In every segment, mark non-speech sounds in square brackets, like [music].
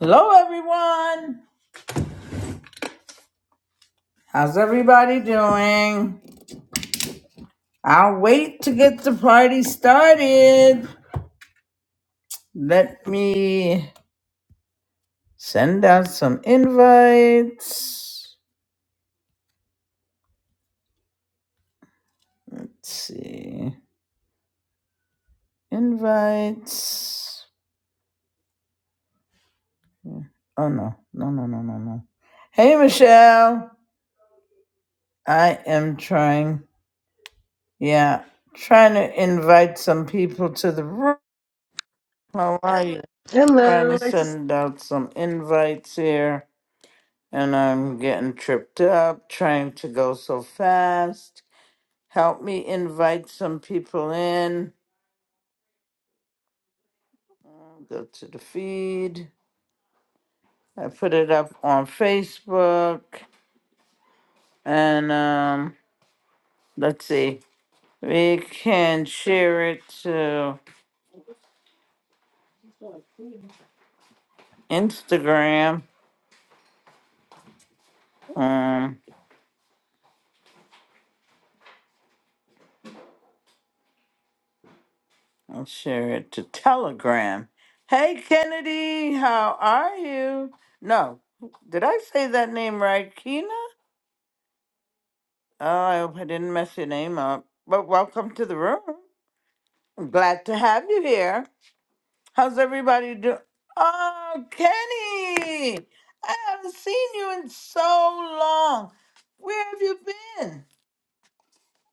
Hello, everyone. How's everybody doing? I'll wait to get the party started. Let me send out some invites. Let's see. Invites. Oh, no. No, no, no, no, no. Hey, Michelle. I am trying. Yeah. Trying to invite some people to the room. How are you? Trying to Hello. I just send out some invites here. and I'm getting tripped up trying to go so fast. Help me invite some people in. Go to the feed. I put it up on Facebook, and um, let's see. We can share it to Instagram. Um, I'll share it to Telegram. Hey Kennedy, how are you? No, did I say that name right, Kina? Oh, I hope I didn't mess your name up. But welcome to the room. I'm glad to have you here. How's everybody doing? Oh, Kenny! I haven't seen you in so long. Where have you been?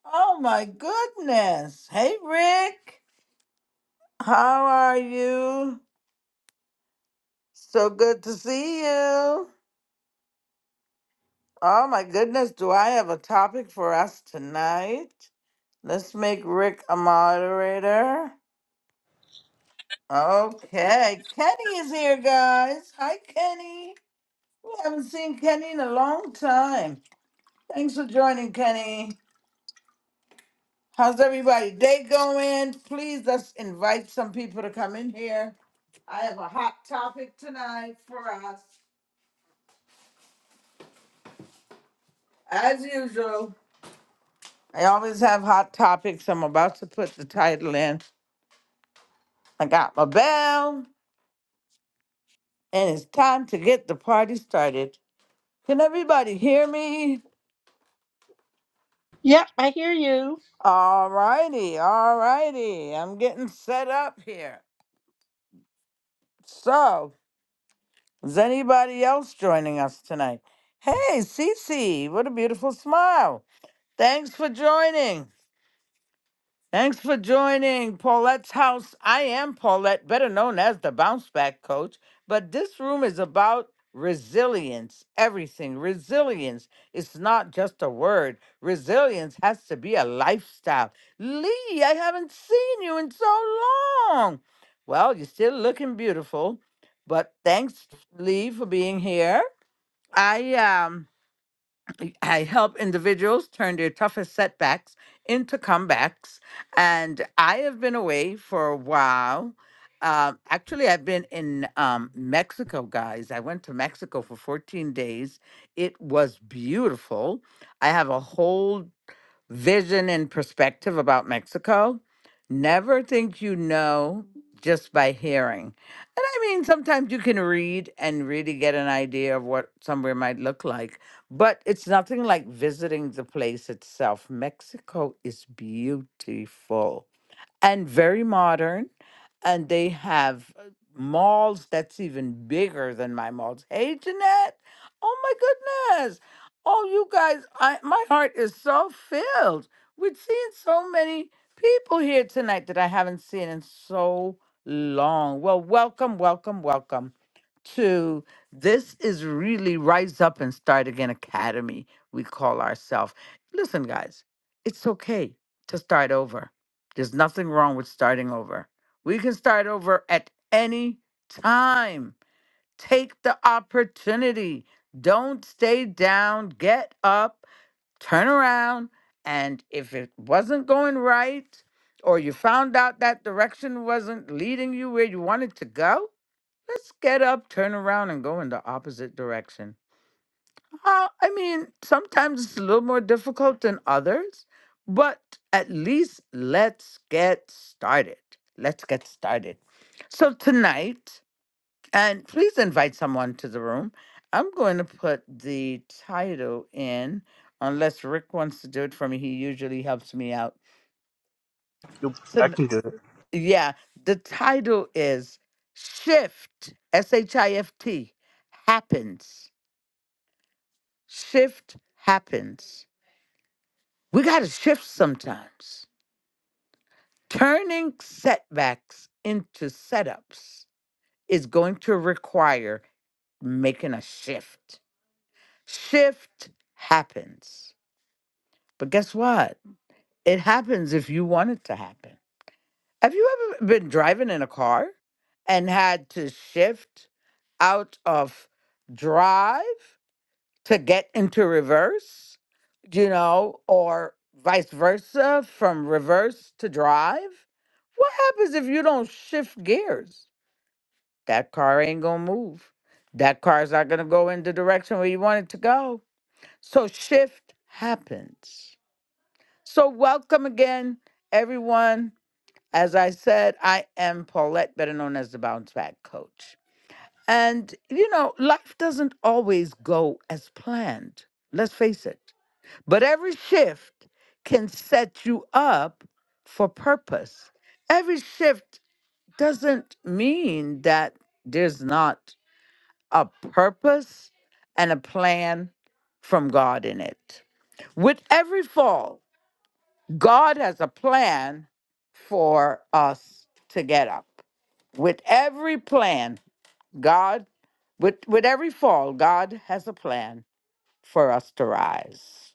Oh my goodness. Hey, Rick. How are you? So good to see you. Oh my goodness, do I have a topic for us tonight? Let's make Rick a moderator. Okay, Kenny is here, guys. Hi, Kenny. We haven't seen Kenny in a long time. Thanks for joining, Kenny. How's everybody day going? Please let's invite some people to come in here. I have a hot topic tonight for us, as usual. I always have hot topics. I'm about to put the title in. I got my bell, and it's time to get the party started. Can everybody hear me? Yep, I hear you. All righty, all righty. I'm getting set up here. So, is anybody else joining us tonight? Hey, Cece, what a beautiful smile. Thanks for joining. Thanks for joining Paulette's House. I am Paulette, better known as the Bounce Back Coach, but this room is about resilience, everything. Resilience It's not just a word, resilience has to be a lifestyle. Lee, I haven't seen you in so long. Well, you're still looking beautiful, but thanks, Lee, for being here. I um. I help individuals turn their toughest setbacks into comebacks. And I have been away for a while. Um, actually, I've been in um, Mexico, guys. I went to Mexico for 14 days. It was beautiful. I have a whole vision and perspective about Mexico. Never think you know just by hearing. And I mean, sometimes you can read and really get an idea of what somewhere might look like, but it's nothing like visiting the place itself. Mexico is beautiful and very modern. And they have uh, malls that's even bigger than my malls. Hey, Jeanette. Oh my goodness. Oh, you guys, I, my heart is so filled with seeing so many people here tonight that I haven't seen in so long. Well, welcome, welcome, welcome to this is really Rise Up and Start Again Academy, we call ourselves. Listen, guys, it's okay to start over there's nothing wrong with starting over. We can start over at any time. Take the opportunity. Don't stay down. Get up, turn around. And if it wasn't going right, or you found out that direction wasn't leading you where you wanted to go, let's get up, turn around, and go in the opposite direction. Uh, I mean, sometimes it's a little more difficult than others, but at least let's get started. Let's get started. So tonight, and please invite someone to the room. I'm going to put the title in, unless Rick wants to do it for me. He usually helps me out. Yep, I So, can do it. yeah, the title is Shift, S H I F T, happens. Shift happens We got to shift sometimes. Turning setbacks into setups is going to require making a shift. Shift happens. But guess what? It happens if you want it to happen. Have you ever been driving in a car and had to shift out of drive to get into reverse, you know, or vice versa from reverse to drive. What happens if you don't shift gears? That car ain't gonna move. That car's not gonna go in the direction where you want it to go. So shift happens. So welcome again, everyone. As I said, I am Paulette, better known as the Bounce Back Coach. And you know, life doesn't always go as planned. Let's face it. But every shift can set you up for purpose. Every shift doesn't mean that there's not a purpose and a plan from God in it. With every fall, God has a plan for us to get up. With every plan, God, with, with every fall, God has a plan for us to rise.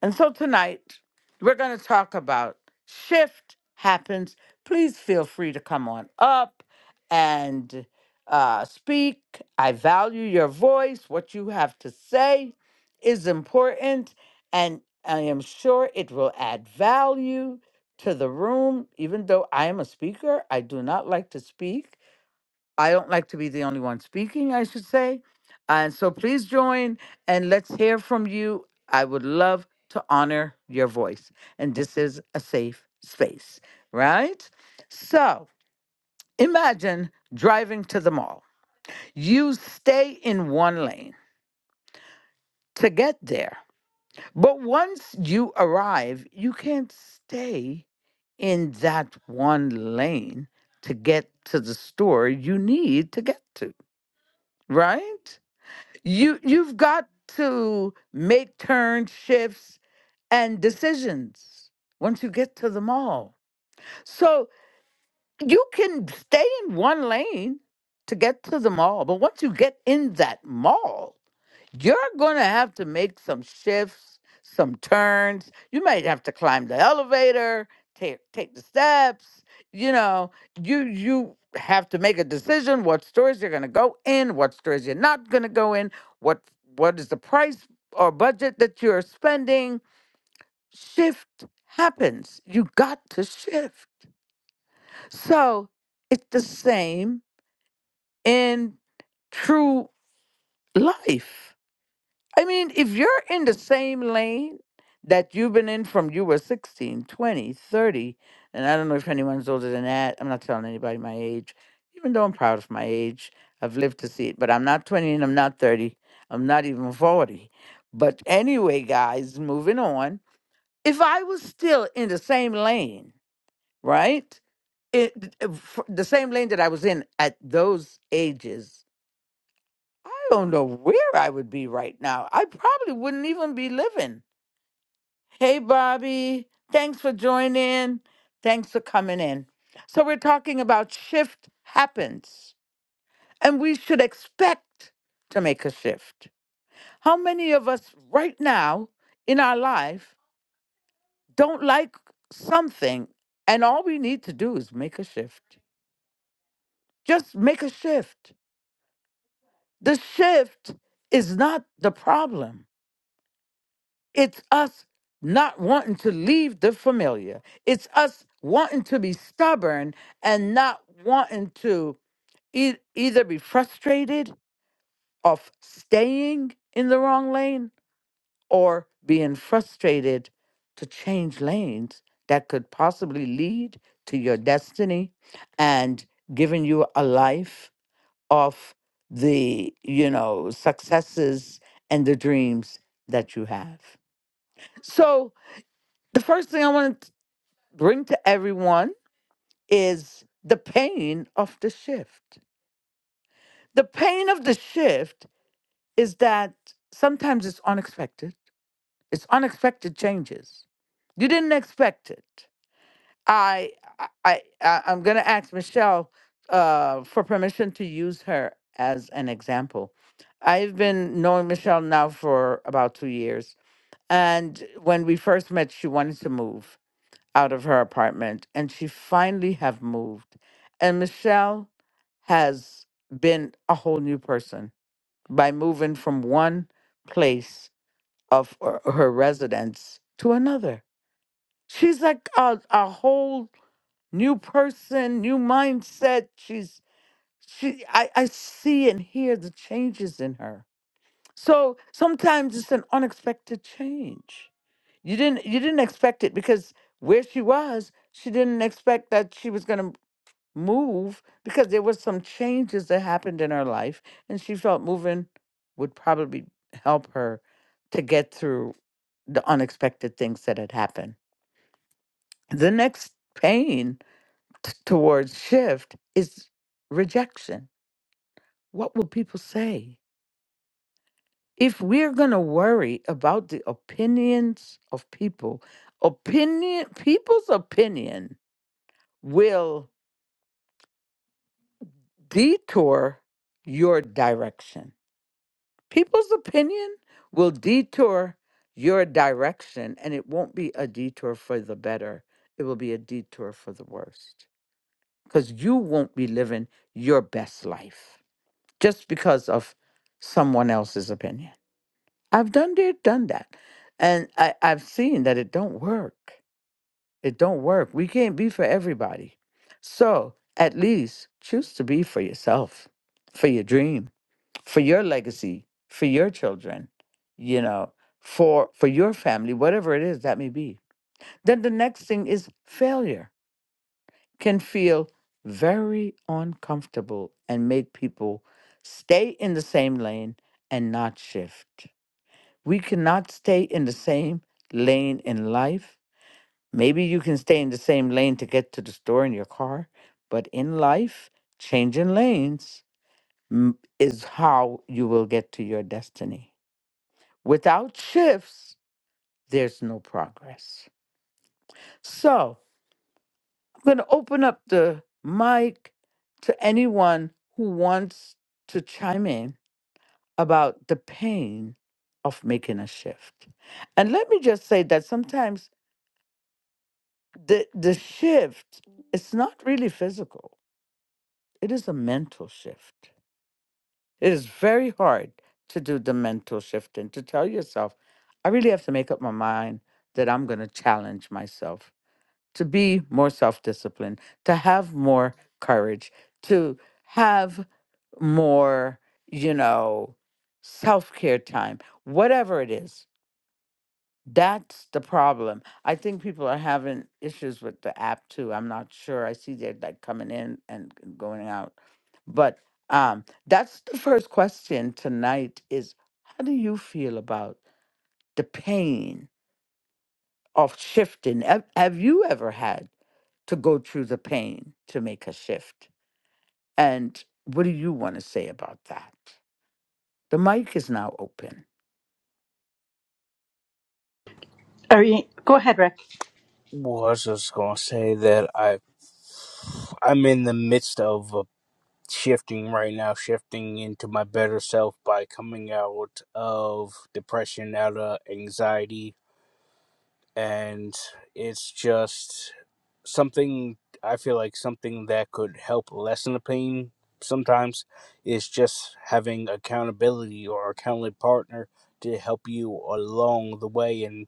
And so tonight, we're going to talk about shift happens. Please feel free to come on up and uh, speak. I value your voice. What you have to say is important, and I am sure it will add value to the room. Even though I am a speaker, I do not like to speak. I don't like to be the only one speaking, I should say. And so please join and let's hear from you. I would love to honor your voice. And this is a safe space, right? So imagine driving to the mall. You stay in one lane to get there. But once you arrive, you can't stay in that one lane to get to the store you need to get to, right? you you've got to make turn shifts and decisions once you get to the mall so you can stay in one lane to get to the mall but once you get in that mall you're going to have to make some shifts, some turns. You might have to climb the elevator, take take the steps. You know, you you have to make a decision what stores you're going to go in, what stores you're not going to go in, what what is the price or budget that you're spending. Shift happens. You got to shift. So, it's the same in true life. I mean, if you're in the same lane that you've been in from you were 16, 20, 30, and I don't know if anyone's older than that. I'm not telling anybody my age, even though I'm proud of my age. I've lived to see it, but I'm not 20 and I'm not 30. I'm not even 40. But anyway, guys, moving on. If I was still in the same lane, right? It, th- uh, f- the same lane that I was in at those ages, I don't know where I would be right now. I probably wouldn't even be living. Hey, Bobby. Thanks for joining. Thanks for coming in. So, we're talking about shift happens, and we should expect to make a shift. How many of us right now in our life don't like something, and all we need to do is make a shift? Just make a shift. The shift is not the problem It's us not wanting to leave the familiar. It's us wanting to be stubborn and not wanting to e- either be frustrated of staying in the wrong lane or being frustrated to change lanes that could possibly lead to your destiny and giving you a life of the, you know, successes and the dreams that you have. So, The first thing I want to bring to everyone is the pain of the shift. The pain of the shift is that sometimes it's unexpected. It's unexpected changes. You didn't expect it. I I I I- am gonna ask Michelle uh, for permission to use her as an example. I've been knowing Michelle now for about two years, and when we first met, she wanted to move, out of her apartment and she finally have moved and michelle has been a whole new person by moving from one place of her her residence to another she's like a, a whole new person new mindset she's she I, I see and hear the changes in her so sometimes it's an unexpected change. You didn't you didn't expect it because where she was, she didn't expect that she was going to move because there was some changes that happened in her life and she felt moving would probably help her to get through the unexpected things that had happened. The next pain t- towards shift is rejection. What will people say? if we're going to worry about the opinions of people, opinion people's opinion will detour your direction. People's opinion will detour your direction and it won't be a detour for the better. It will be a detour for the worst cuz you won't be living your best life just because of someone else's opinion. I've done that, done that. And I, I've seen that it don't work. It don't work. We can't be for everybody. So at least choose to be for yourself, for your dream, for your legacy, for your children, you know, for for your family, whatever it is that may be. Then the next thing is failure can feel very uncomfortable and make people stay in the same lane and not shift. We cannot stay in the same lane in life. Maybe you can stay in the same lane to get to the store in your car, but in life, changing lanes mm, is how you will get to your destiny. Without shifts, there's no progress. So I'm going to open up the mic to anyone who wants to chime in about the pain of making a shift. And let me just say that sometimes the the shift it's not really physical it is a mental shift it is very hard to do the mental shift and to tell yourself i really have to make up my mind that i'm going to challenge myself to be more self-disciplined to have more courage to have more you know self-care time whatever it is that's the problem. I think people are having issues with the app too. I'm not sure. I see they're like coming in and g- going out. But um that's the first question tonight is how do you feel about the pain of shifting? Have, have you ever had to go through the pain to make a shift? And what do you want to say about that? The mic is now open. are you go ahead, Rick. Well, I was just gonna say that I I'm in the midst of uh, shifting right now, shifting into my better self by coming out of depression, out of anxiety, and it's just something I feel like something that could help lessen the pain sometimes is just having accountability or a accountable partner to help you along the way and.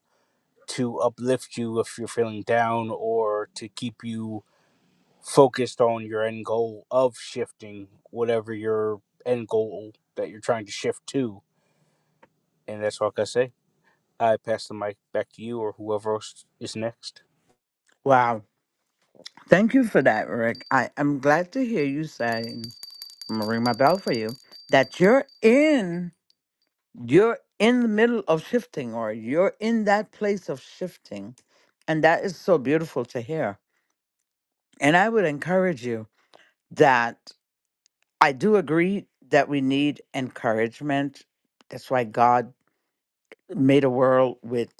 to uplift you if you're feeling down or to keep you focused on your end goal of shifting whatever your end goal that you're trying to shift to. And that's all I can say. I pass the mic back to you or whoever else is next. Wow. Thank you for that, Rick. I, I'm glad to hear you saying. I'm gonna ring my bell for you. That you're in, you're in the middle of shifting, or you're in that place of shifting, and that is so beautiful to hear. And I would encourage you that I do agree that we need encouragement. That's why God made a world with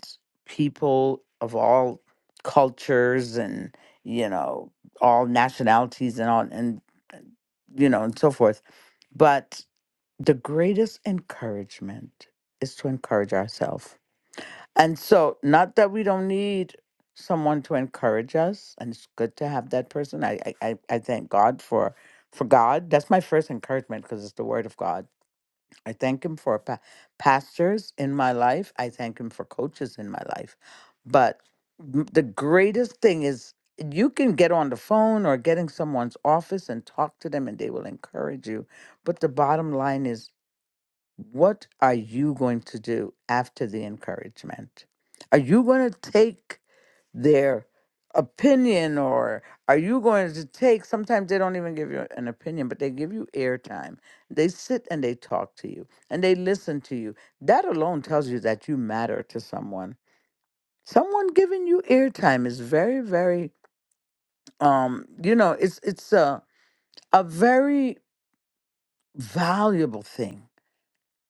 people of all cultures and you know all nationalities and all and you know and so forth. But the greatest encouragement is to encourage ourselves. And so, not that we don't need someone to encourage us, and it's good to have that person. I I, I I thank God for for God. That's my first encouragement because it's the Word of God. I thank Him for pa- pastors in my life. I thank Him for coaches in my life. But m- the greatest thing is you can get on the phone or get in someone's office and talk to them, and they will encourage you. But the bottom line is what are you going to do after the encouragement? Are you going to take their opinion or are you going to take sometimes they don't even give you an opinion but they give you airtime they sit and they talk to you and they listen to you that alone tells you that you matter to someone someone giving you airtime is very very um you know it's it's a a very valuable thing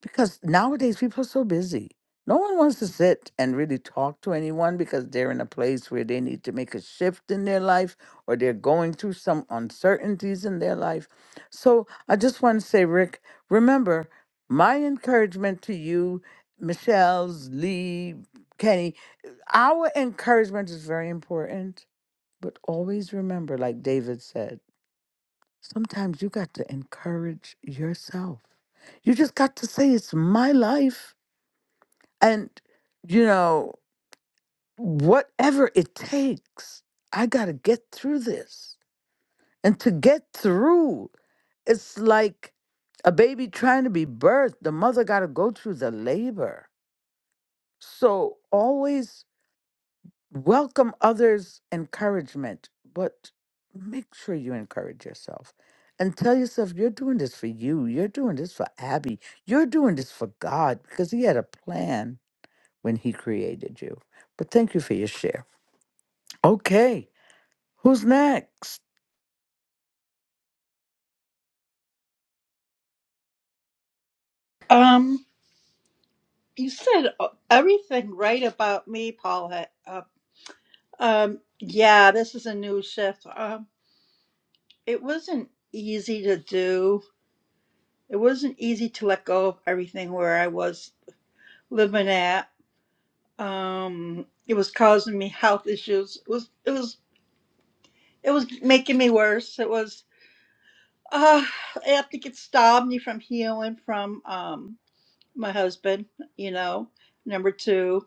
because nowadays people are so busy. No one wants to sit and really talk to anyone because they're in a place where they need to make a shift in their life or they're going through some uncertainties in their life. So I just want to say, Rick, remember my encouragement to you, Michelle's, Lee, Kenny, our encouragement is very important. But always remember, like David said, sometimes you got to encourage yourself. You just got to say, it's my life. And, you know, whatever it takes, I got to get through this. And to get through, it's like a baby trying to be birthed. The mother got to go through the labor. So always welcome others' encouragement, but make sure you encourage yourself and tell yourself you're doing this for you. You're doing this for Abby. You're doing this for God because He had a plan when He created you. But thank you for your share. Okay, who's next? Um, you said uh, everything right about me, Paula. Uh, um, yeah, this is a new shift. Um, it wasn't easy to do. It wasn't easy to let go of everything where I was living at. Um, it was causing me health issues. It was, it was, it was making me worse. It was, uh, I have to get stopped me from healing from. Um. my husband, you know, number two.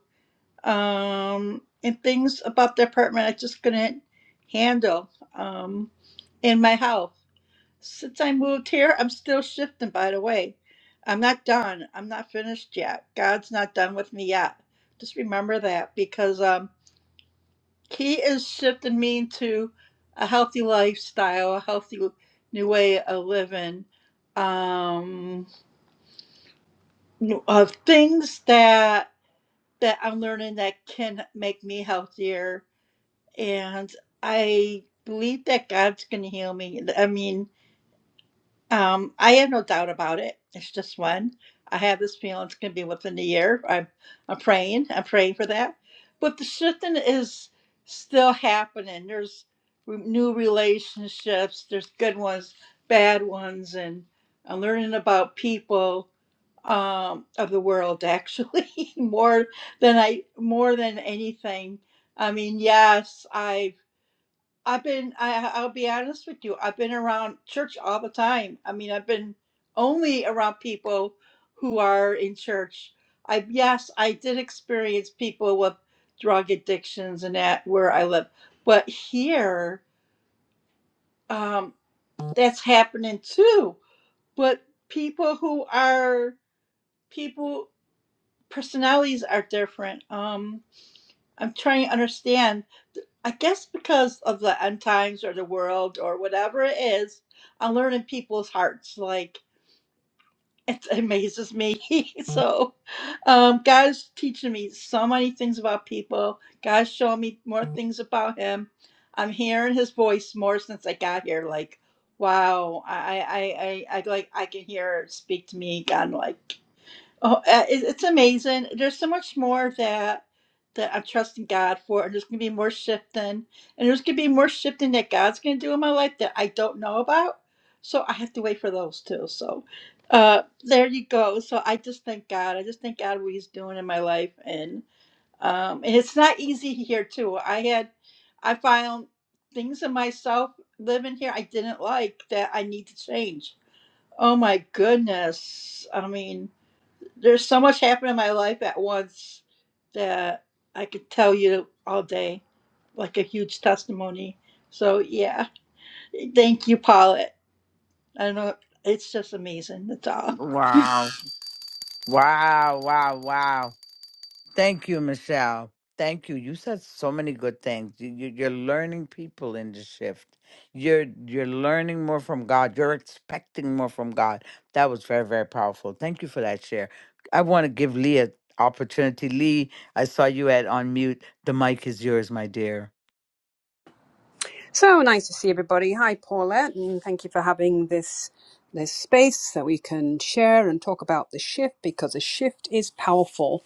Um, and things about the apartment I just couldn't handle um, in my house. Since I moved here, I'm still shifting, by the way. I'm not done. I'm not finished yet. God's not done with me yet. Just remember that because um, He is shifting me into a healthy lifestyle, a healthy new way of living, um, of things that that I'm learning that can make me healthier. And I believe that God's going to heal me. I mean, um, I have no doubt about it. It's just when I have this feeling it's going to be within the year. I'm, I'm praying. I'm praying for that. But the shifting is still happening. There's re- new relationships. There's good ones, bad ones, and I'm learning about people um, of the world actually [laughs] more than I more than anything. I mean, yes, I've I've been I, I'll be honest with you. I've been around church all the time. I mean, I've been only around people who are in church. I yes, I did experience people with drug addictions and that where I live, but here um, that's happening too. But people who are people. personalities are different. Um, I'm trying to understand. I guess because of the end times or the world or whatever it is, I'm learning people's hearts. Like it amazes me. [laughs] so, um, God's teaching me so many things about people. God's showing me more things about Him. I'm hearing His voice more since I got here. Like, wow, I, I, I, I I, like I can hear it speak to me. God, like. Oh, uh, it- it's amazing. There's so much more that that I'm trusting God for, and there's gonna be more shifting, and there's gonna be more shifting that God's gonna do in my life that I don't know about. So I have to wait for those too. So uh, there you go. So I just thank God. I just thank God what He's doing in my life, and um, and it's not easy here too. I had I found things in myself living here I didn't like that I need to change. Oh my goodness! I mean. There's so much happening in my life at once that I could tell you all day, like a huge testimony. So yeah, thank you, Paulette. I know it's just amazing. That's all. Wow, wow, wow, wow. Thank you, Michelle. Thank you. You said so many good things. You, you, you're learning people in the shift. You're you're learning more from God. You're expecting more from God. That was very very powerful. Thank you for that share. I want to give Lee an opportunity. Lee, I saw you at on mute. The mic is yours, my dear. So nice to see everybody. Hi, Paulette, and thank you for having this this space that we can share and talk about the shift because a shift is powerful,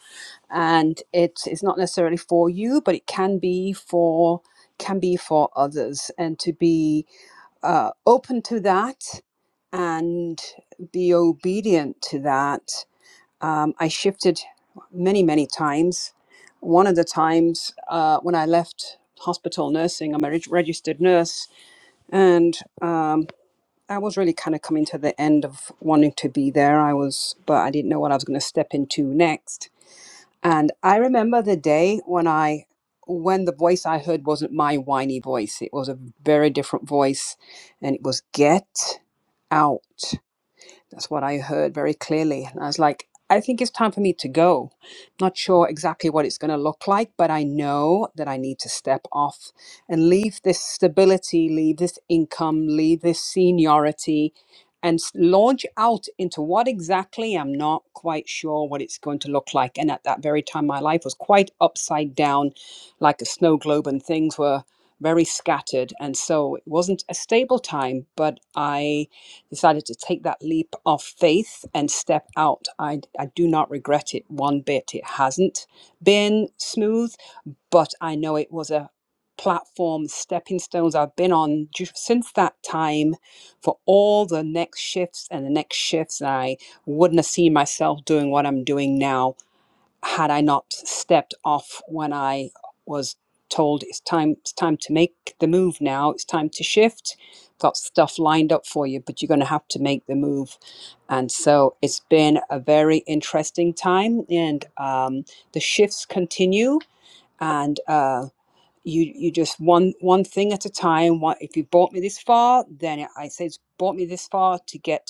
and it is not necessarily for you, but it can be for can be for others, and to be uh, open to that and be obedient to that. Um, I shifted many many times. One of the times uh, when I left hospital nursing, I'm a reg- registered nurse and um, I was really kind of coming to the end of wanting to be there. I was, but I didn't know what I was going to step into next. And I remember the day when I, when the voice I heard wasn't my whiny voice. It was a very different voice, and it was get out. That's what I heard very clearly. And I was like, I think it's time for me to go. Not sure exactly what it's going to look like, but I know that I need to step off and leave this stability, leave this income, leave this seniority, and s- launch out into what exactly I'm not quite sure what it's going to look like. And at that very time, my life was quite upside down, like a snow globe, and things were very scattered. And so it wasn't a stable time, but I decided to take that leap of faith and step out. I, I do not regret it one bit. It hasn't been smooth, but I know it was a platform, stepping stones I've been on ju- since that time for all the next shifts and the next shifts. And I wouldn't have seen myself doing what I'm doing now had I not stepped off when I was told it's time it's time to make the move now it's time to shift got stuff lined up for you but you're going to have to make the move and so it's been a very interesting time and um, the shifts continue and uh, you you just one one thing at a time one, if you brought me this far then i say it's brought me this far to get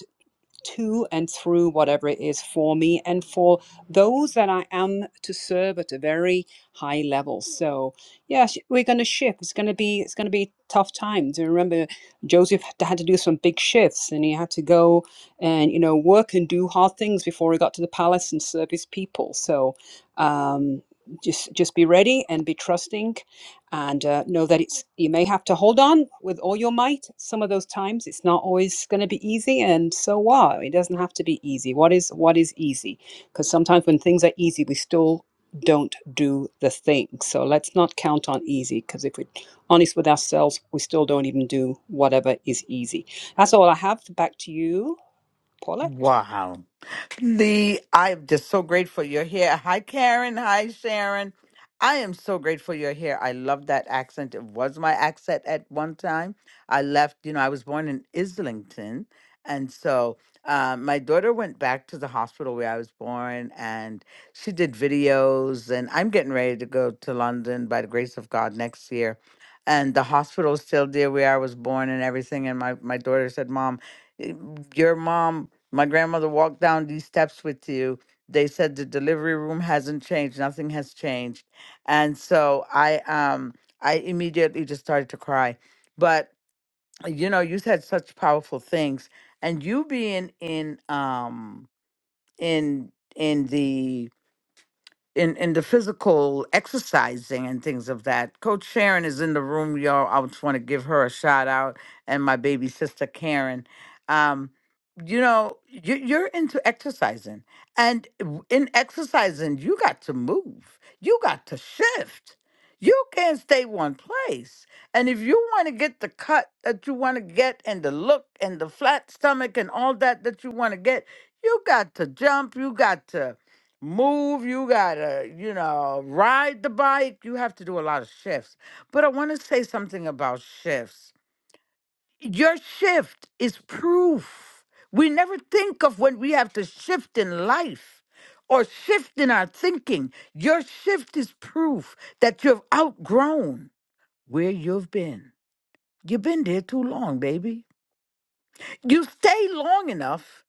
to and through whatever it is for me and for those that I am to serve at a very high level. So yeah, sh- we're going to shift. It's going to be it's going to be tough times. And remember, Joseph had to had to do some big shifts, and he had to go and you know work and do hard things before he got to the palace and serve his people. So um, just just be ready and be trusting and uh, know that it's you may have to hold on with all your might some of those times it's not always going to be easy and so what it doesn't have to be easy what is what is easy because sometimes when things are easy we still don't do the thing so let's not count on easy because if we're honest with ourselves we still don't even do whatever is easy that's all i have back to you paula Wow. Lee, I'm just so grateful you're here. Hi, Karen. Hi, Sharon. I am so grateful you're here. I love that accent. It was my accent at one time. I left, you know, I was born in Islington. And so uh, my daughter went back to the hospital where I was born and she did videos. And I'm getting ready to go to London by the grace of God next year. And the hospital is still there where I was born and everything. And my, my daughter said, Mom, eh, your mom my grandmother walked down these steps with you. They said the delivery room hasn't changed, nothing has changed. And so I um I immediately just started to cry. But you know, you said such powerful things and you being in um in in the in in the physical exercising and things of that. Coach Sharon is in the room, y'all. I just want to give her a shout out and my baby sister Karen. Um, you know, you, you're into exercising, and w- in exercising, you got to move, you got to shift. You can't stay one place. And if you want to get the cut that you want to get and the look and the flat stomach and all that that you want to get, you got to jump, you got to move, you gotta, you know, ride the bike. You have to do a lot of shifts. But I wanna say something about shifts. Your shift is proof. We never think of when we have to shift in life or shift in our thinking. Your shift is proof that you've outgrown where you've been. You've been there too long, baby. You stay long enough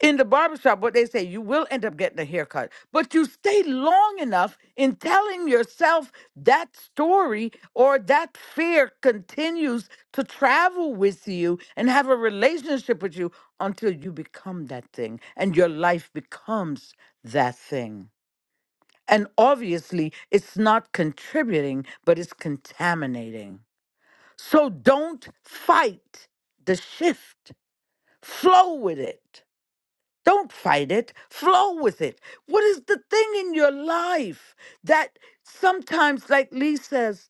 in the barbershop, what they say, you will end up getting a haircut, but you stay long enough in telling yourself that story or that fear continues to travel with you and have a relationship with you until you become that thing and your life becomes that thing. And obviously, it's not contributing, but it's contaminating. So don't fight the shift, flow with it. Don't fight it. Flow with it. What is the thing in your life that sometimes, like Lee says,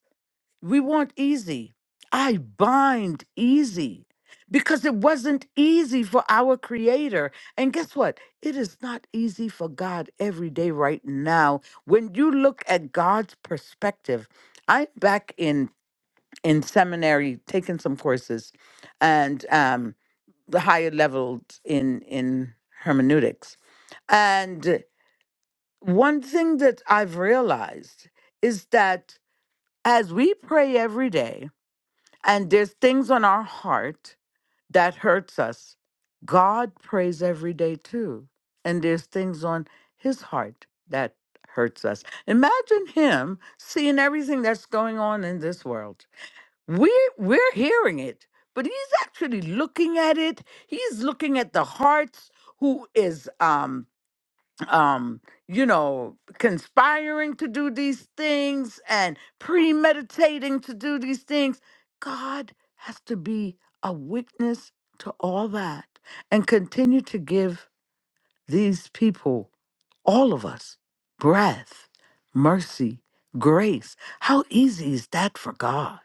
we want easy? I bind easy because it wasn't easy for our Creator. And guess what? It is not easy for God every day right now. When you look at God's perspective, I'm back in in seminary taking some courses, and um, the higher levels in in hermeneutics. And one thing that I've realized is that as we pray every day and there's things on our heart that hurts us, God prays every day too. And there's things on his heart that hurts us. Imagine him seeing everything that's going on in this world we're we're hearing it, but he's actually looking at it. He's looking at the hearts who is um um you know conspiring to do these things and premeditating to do these things. God has to be a witness to all that and continue to give these people, all of us, breath, mercy, grace. How easy is that for God?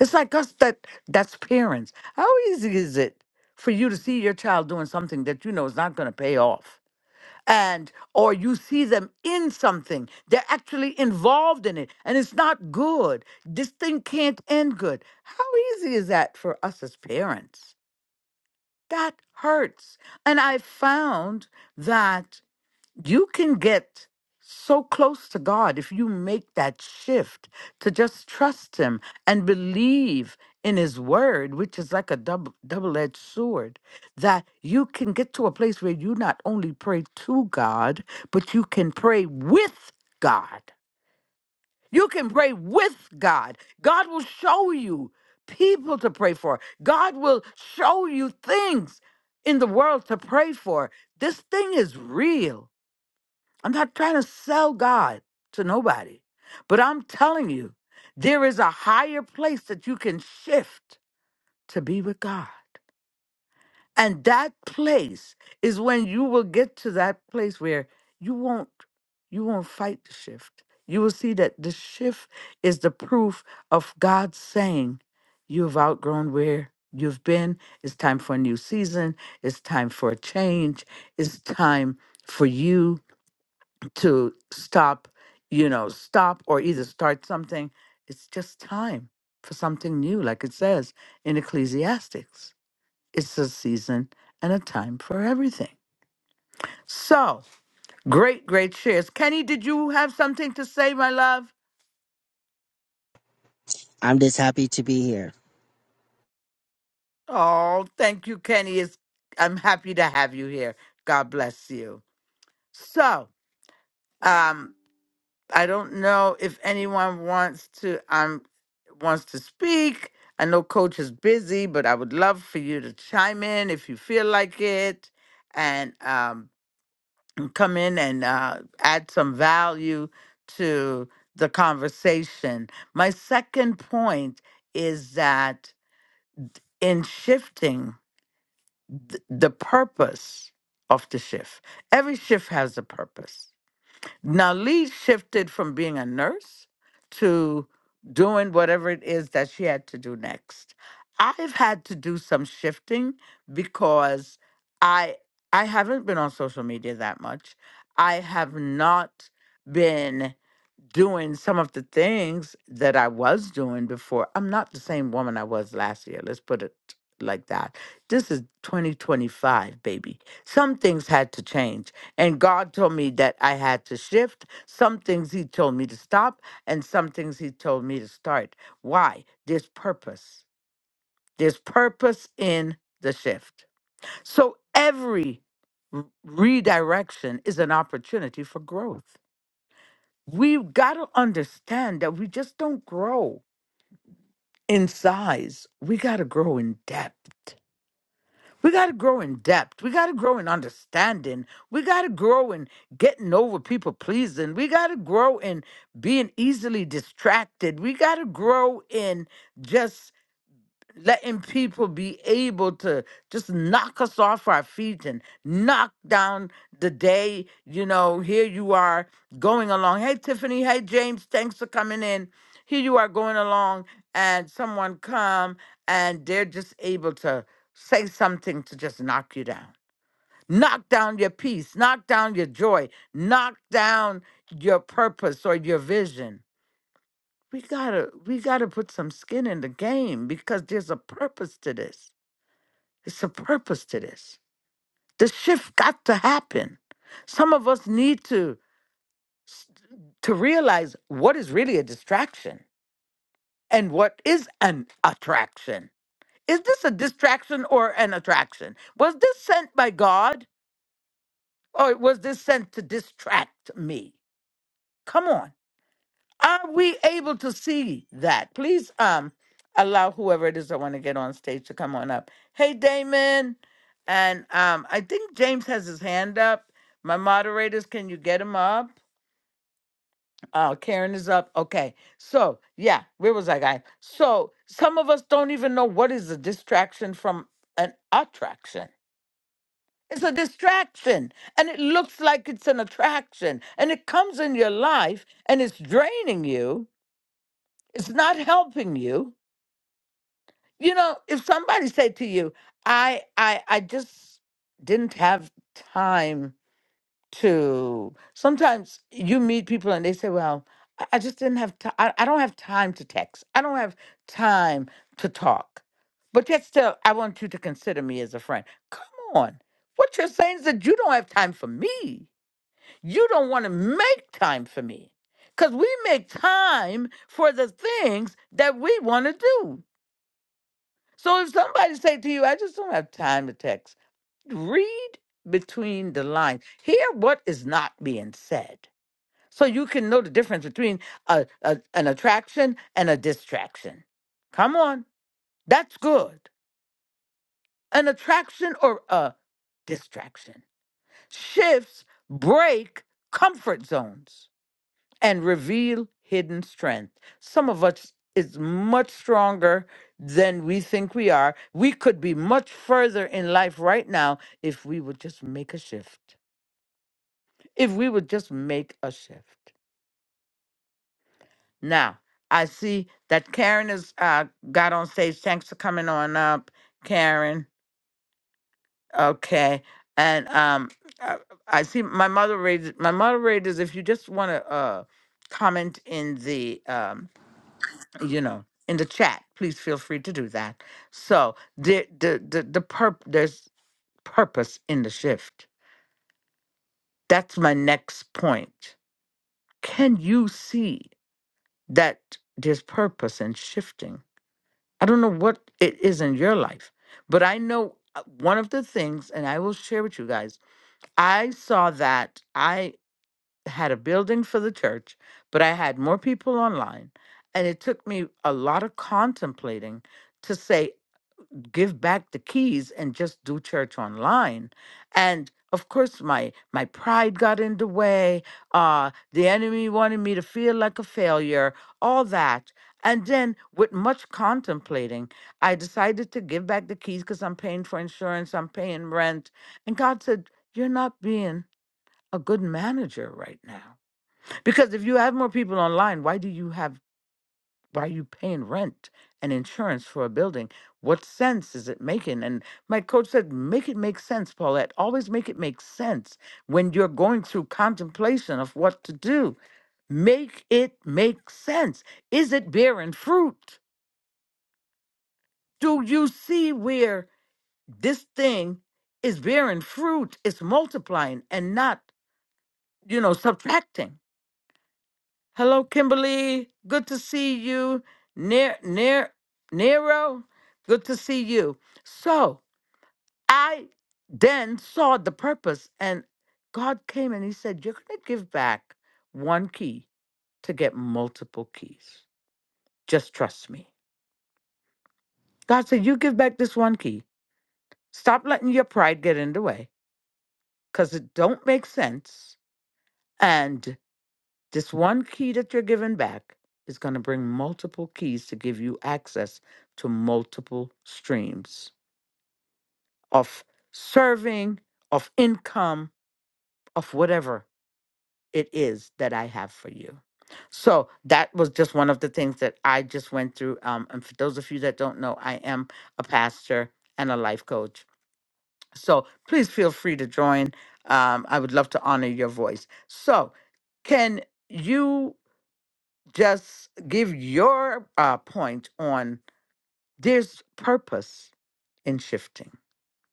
It's like us that that's parents. How easy is it for you to see your child doing something that you know is not going to pay off? And or you see them in something. They're actually involved in it and it's not good. This thing can't end good. How easy is that for us as parents? That hurts. And I found that you can get so close to God if you make that shift to just trust Him and believe in His Word, which is like a double double edged sword, that you can get to a place where you not only pray to God, but you can pray with God. You can pray with God. God will show you people to pray for. God will show you things in the world to pray for. This thing is real I'm not trying to sell God to nobody, but I'm telling you, there is a higher place that you can shift to be with God. And that place is when you will get to that place where you won't you won't fight the shift. You will see that the shift is the proof of God saying you've outgrown where you've been. It's time for a new season. It's time for a change. It's time for you to stop, you know, stop or either start something. It's just time for something new, like it says in Ecclesiastics. It's a season and a time for everything. So, great, great shares. Kenny, did you have something to say, my love? I'm just happy to be here. Oh, thank you, Kenny. It's, I'm happy to have you here. God bless you. So, um. I don't know if anyone wants to um wants to speak. I know coach is busy, but I would love for you to chime in if you feel like it and um [clears throat] come in and uh add some value to the conversation. My second point is that in shifting th- the purpose of the shift. Every shift has a purpose now, Lee shifted from being a nurse to doing whatever it is that she had to do next. I've had to do some shifting because I I haven't been on social media that much. I have not been doing some of the things that I was doing before. I'm not the same woman I was last year. Let's put it like that. This is 2025, baby. Some things had to change. And God told me that I had to shift. Some things He told me to stop, and some things He told me to start. Why? There's purpose. There's purpose in the shift. So every r- redirection is an opportunity for growth. We've got to understand that we just don't grow in size. We got to grow in depth. We got to grow in depth. We got to grow in understanding. We got to grow in getting over people pleasing. We got to grow in being easily distracted. We got to grow in just letting people be able to just knock us off our feet and knock down the day. You know, here you are going along. Hey, Tiffany. Hey, James. Thanks for coming in. Here you are going along, and someone come and they're just able to say something to just knock you down. Knock down your peace, knock down your joy, knock down your purpose or your vision we gotta we gotta put some skin in the game because there's a purpose to this it's a purpose to this. The shift got to happen. Some of us need to to realize what is really a distraction and what is an attraction. Is this a distraction or an attraction? Was this sent by God or was this sent to distract me? Come on. Are we able to see that? Please um allow whoever it is that want to get on stage to come on up. Hey Damon. And um I think James has his hand up. My moderators, can you get him up? Oh, Karen is up. Okay. So yeah, where was I guy? So some of us don't even know what is a distraction from an attraction. It's a distraction and it looks like it's an attraction and it comes in your life and it's draining you It's not helping you. You know, if somebody said to you, I I I just didn't have time to sometimes you meet people and they say, Well, I I just didn't have time. I, I don't have time to text. I don't have time to talk. But yet still I want you to consider me as a friend. Come on. What you're saying is that you don't have time for me. You don't want to make time for me. Because we make time for the things that we want to do. So if somebody say to you, I just don't have time to text, read between the lines. Hear what is not being said. So you can know the difference between a, a, an attraction and a distraction. Come on. That's good. An attraction or a distraction. Shifts break comfort zones. and reveal hidden strength. Some of us is much stronger than we think we are. We could be much further in life right now if we would just make a shift. If we would just make a shift. Now, I see that Karen has uh, got on stage. Thanks for coming on up, Karen. Okay. And um, I, I see my moderator. My moderators, if you just want to uh, comment in the um, you know, in the chat. Please feel free to do that. So the the the, the purp there's purpose in the shift. That's my next point. Can you see that there's purpose in shifting? I don't know what it is in your life, but I know uh, one of the things, and I will share with you guys. I saw that I had a building for the church, but I had more people online. And it took me a lot of contemplating to say give back the keys and just do church online and of course my my pride got in the way uh the enemy wanted me to feel like a failure all that and then with much contemplating i decided to give back the keys because i'm paying for insurance i'm paying rent and god said you're not being a good manager right now because if you have more people online why do you have why are you paying rent and insurance for a building? What sense is it making? And my coach said, make it make sense, Paulette. Always make it make sense when you're going through contemplation of what to do. Make it make sense. Is it bearing fruit? Do you see where this thing is bearing fruit? It's multiplying and not, you know, subtracting. Hello, Kimberly. Good to see you. Near, near, Nero. Good to see you. So I then saw the purpose, and God came and He said, "You're going to give back one key to get multiple keys. Just trust me." God said, "You give back this one key. Stop letting your pride get in the way, because it don't make sense." And This one key that you're giving back is going to bring multiple keys to give you access to multiple streams of serving, of income, of whatever it is that I have for you. So that was just one of the things that I just went through. Um, and for those of you that don't know, I am a pastor and a life coach. So please feel free to join. Um, I would love to honor your voice. So, can you? just give your uh, point on there's purpose in shifting.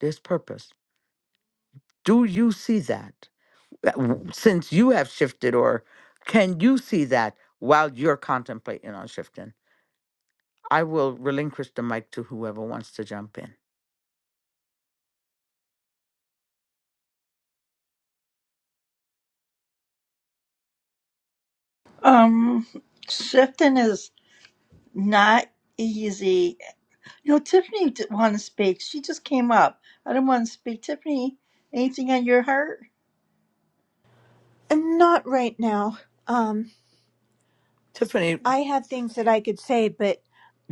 There's purpose. Do you see that Uh, w- since you have shifted, or can you see that while you're contemplating on shifting? I will relinquish the mic to whoever wants to jump in. Um, shifting is not easy. You know, Tiffany did want to speak. She just came up. I don't want to speak. Tiffany, anything on your heart? Not right now. Um, Tiffany, I have things that I could say, but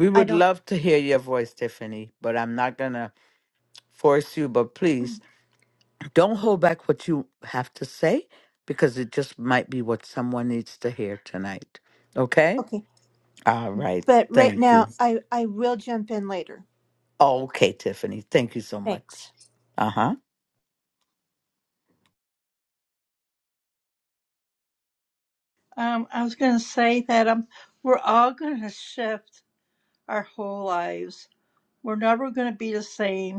we I would don't. love to hear your voice, Tiffany, but I'm not going to force you, but please mm, Don't hold back what you have to say because it just might be what someone needs to hear tonight. Okay? Okay, All right. but right Thank you. now, I I will jump in later. Okay, Tiffany. Thank you so Thanks. much. Uh huh. Um, I was going to say that um, we're all going to shift our whole lives. We're never going to be the same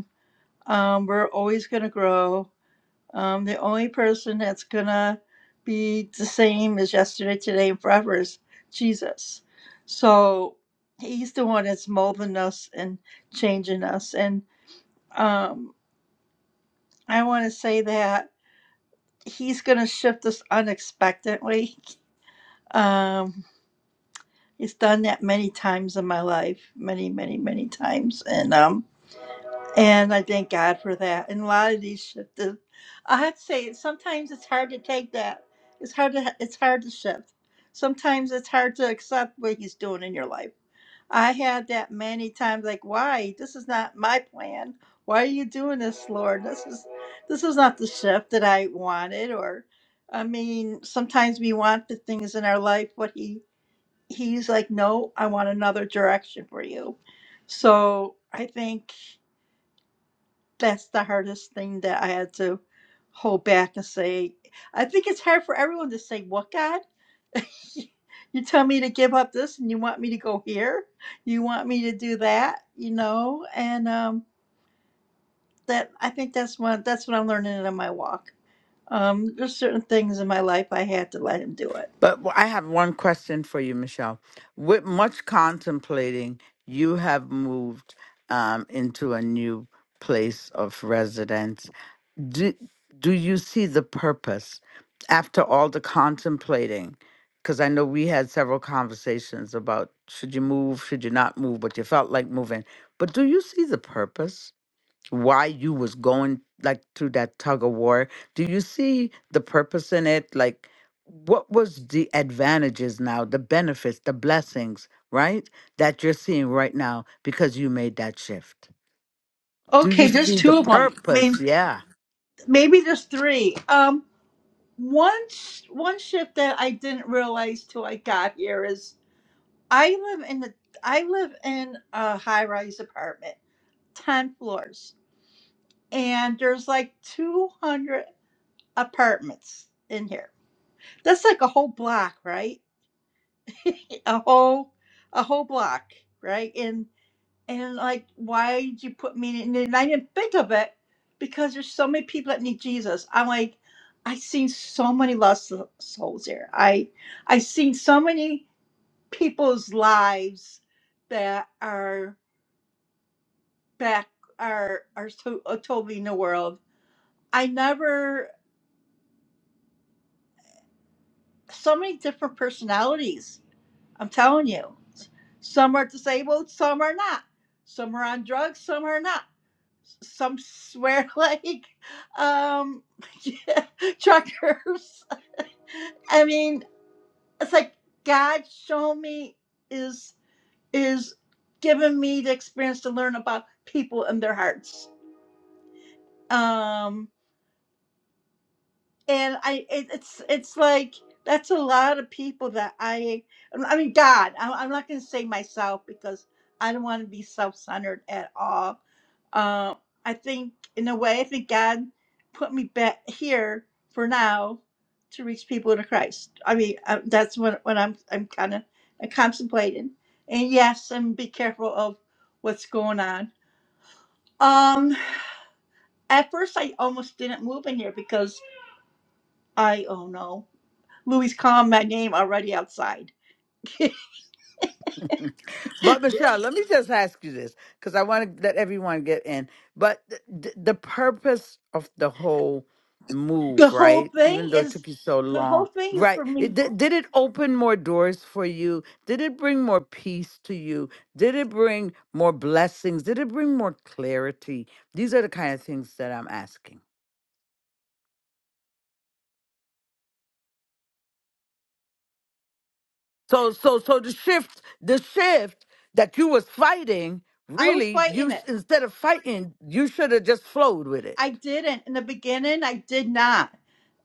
Um, we're always going to grow. Um, the only person that's going to be the same as yesterday, today, and forever is Jesus. So he's the one that's molding us and changing us. And um, I want to say that he's going to shift us unexpectedly. Um, he's done that many times in my life, many, many, many times. And um, And I thank God for that. And a lot of these shift is, I have to say, sometimes it's hard to take that. It's hard to it's hard to shift. Sometimes it's hard to accept what He's doing in your life. I had that many times. Like, why? This is not my plan. Why are you doing this, Lord? This is this is not the shift that I wanted. Or, I mean, sometimes we want the things in our life, but He He's like, no, I want another direction for you. So I think that's the hardest thing that I had to hold back and say. I think it's hard for everyone to say, What God? [laughs] you tell me to give up this and you want me to go here? You want me to do that? You know? And um that I think that's what that's what I'm learning in my walk. Um, there's certain things in my life I had to let him do it. But w- I have one question for you, Michelle. With much contemplating, you have moved um, into a new place of residence do, do you see the purpose after all the contemplating? Because I know we had several conversations about should you move, should you not move, but you felt like moving. But do you see the purpose? Why you was going like through that tug of war? Do you see the purpose in it? Like, what was the advantages now, the benefits, the blessings, right? That you're seeing right now because you made that shift. Do Okay, you there's see the two of them. Maybe, purpose? Yeah. maybe there's three. Um, one sh- one shift that I didn't realize till I got here is I live in the I live in a high rise apartment, ten floors, and there's like two hundred apartments in here. That's like a whole block, right? [laughs] a whole a whole block, right? And and like, why did you put me in? And I didn't think of it because there's so many people that need Jesus. I'm like, I seen so many lost so, souls here. I I seen so many people's lives that are back are are to, uh, totally in the world. I never so many different personalities. I'm telling you, some are disabled, some are not. Some are on drugs, some are not. Some swear [laughs] like um, [laughs] truckers. I mean, it's like God show me is is giving me the experience to learn about people and their hearts. Um, and I it, it's it's like that's a lot of people that I I mean God I'm, I'm not gonna say myself because I don't want to be self-centered at all. Uh, I think in a way I think God put me back here for now to reach people to Christ. I mean I, that's what what I'm I'm kind of contemplating. And yes, and be careful of what's going on. Um, at first I almost didn't move in here because I oh no. Louis Kahn, my name already outside. But Michelle, let me just ask you this because I want to let everyone get in. But th- the purpose of the whole The move, whole right? Even thing though it is, took you so the whole long, thing is right? for It, me. did, did it open more doors for you? Did it bring more peace to you? Did it bring more blessings? Did it bring more clarity? These are the kind of things that I'm asking. So, so, so the shift, the shift that you was fighting, I was really, you fighting it. s- instead of fighting, you should have just flowed with it. I didn't in the beginning. I did not.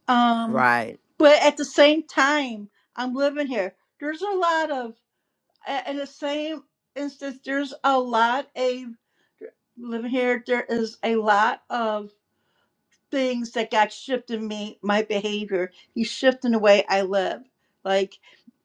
Um, Right. but at the same time, I'm living here. There's a lot of, a- in the same instance, there's a lot of living here. There is a lot of things that God shifted me, my behavior. He's shifting the way I live. Like,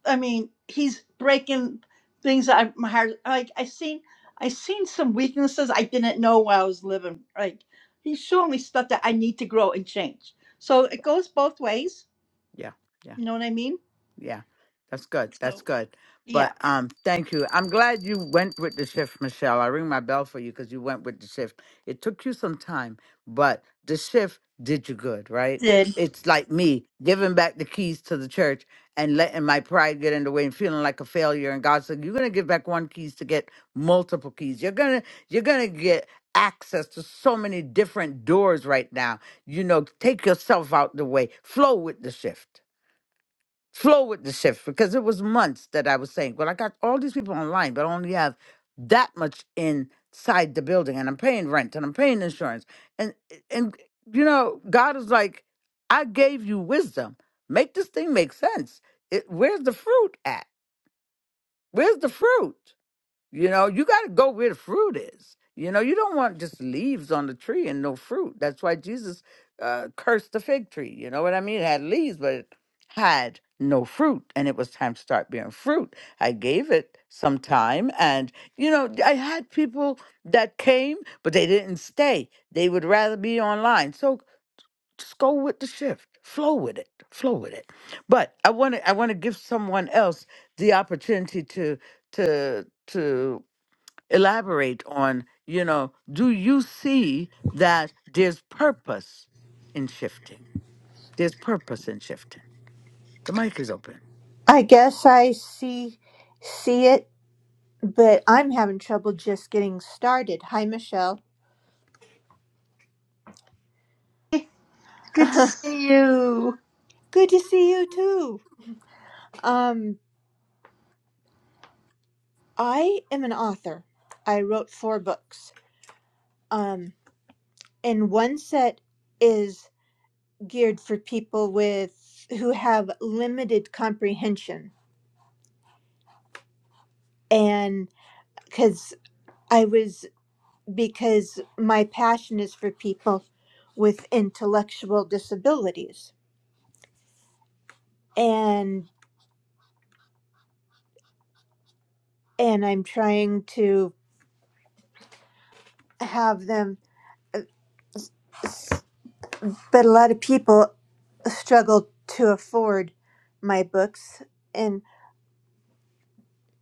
I mean, he's breaking things out of my heart. Like I seen, I seen some weaknesses I didn't know while I was living. Like he's showing me stuff that I need to grow and change. So it goes both ways. Yeah. Yeah. You know what I mean? Yeah, that's good. That's So good. yeah, But um, thank you. I'm glad you went with the shift, Michelle. I ring my bell for you because you went with the shift. It took you some time, but the shift did you good, right? did It's like me giving back the keys to the church and letting my pride get in the way and feeling like a failure. And God said, "You're gonna give back one keys to get multiple keys. You're gonna you're gonna get access to so many different doors right now. You know, take yourself out the way. Flow with the shift." flow with the shift because it was months that I was saying, well, I got all these people online, but I only have that much inside the building, and I'm paying rent and I'm paying insurance. And and you know, God is like, I gave you wisdom. Make this thing make sense. It, where's the fruit at? Where's the fruit? You know, you got to go where the fruit is. You know, you don't want just leaves on the tree and no fruit. That's why Jesus uh, cursed the fig tree. You know what I mean? It had leaves, but it had no fruit, and it was time to start bearing fruit. I gave it some time, and you know, I had people that came, but they didn't stay. They would rather be online. So just go with the shift, flow with it, flow with it. But I want to, I want to give someone else the opportunity to to to elaborate on, you know, do you see that there's purpose in shifting? There's purpose in shifting. The mic is open. I guess I see see it, but I'm having trouble just getting started. Hi, Michelle. good to [laughs] see you. Good to see you too. Um, I am an author. I wrote four books. Um, and one set is geared for people with who have limited comprehension and because I was because my passion is for people with intellectual disabilities and and I'm trying to have them uh, but a lot of people struggle to afford my books and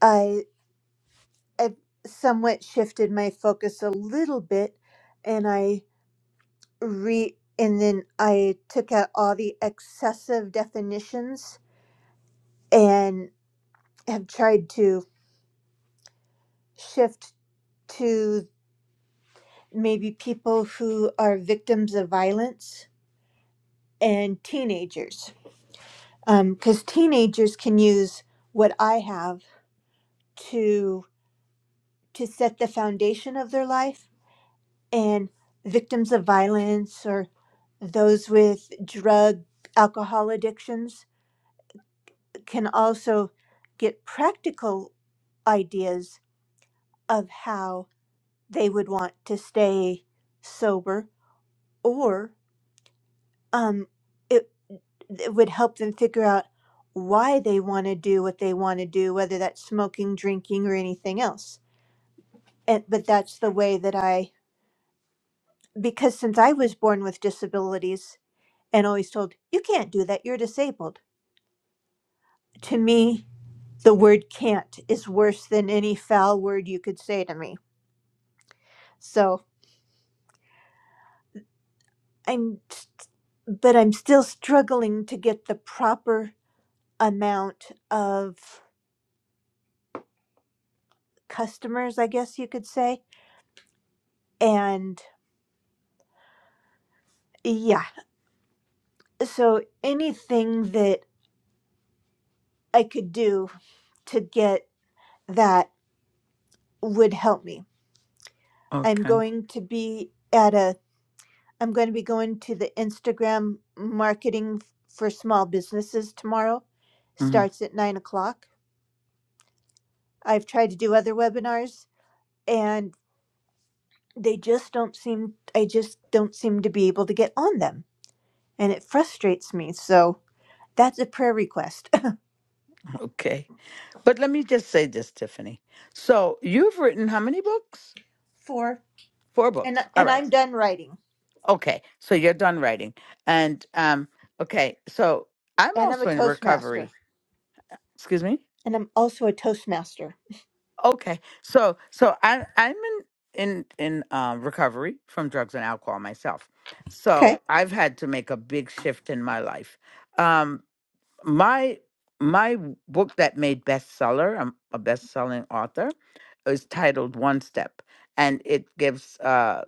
I I've somewhat shifted my focus a little bit and I re and then I took out all the excessive definitions and have tried to shift to maybe people who are victims of violence and teenagers because um, teenagers can use what i have to to set the foundation of their life and victims of violence or those with drug alcohol addictions can also get practical ideas of how they would want to stay sober or um, it. It would help them figure out why they want to do what they want to do, whether that's smoking, drinking, or anything else. And, but that's the way that I, because since I was born with disabilities and always told, you can't do that, you're disabled. To me, the word can't is worse than any foul word you could say to me. So I'm, s- but I'm still struggling to get the proper amount of customers, I guess you could say. And yeah, so anything that I could do to get that would help me. I'm Okay. going to be at a I'm going to be going to the Instagram marketing for small businesses tomorrow. Mhm. Starts at nine o'clock. I've tried to do other webinars and they just don't seem I just don't seem to be able to get on them. And it frustrates me. So that's a prayer request Okay. But let me just say this, Tiffany. So you've written how many books? [laughs] for Four and books. All and I'm right. done writing. Okay. So you're done writing. And um, okay, so I'm And I'm a also in toastmaster. recovery. Excuse me? and I'm also a Toastmaster. Okay. So so I I'm in in in um recovery from drugs and alcohol myself. Okay. So I've had to make a big shift in my life. Um my my w- book that made bestseller, I'm a best-selling author, is titled One Step and it gives uh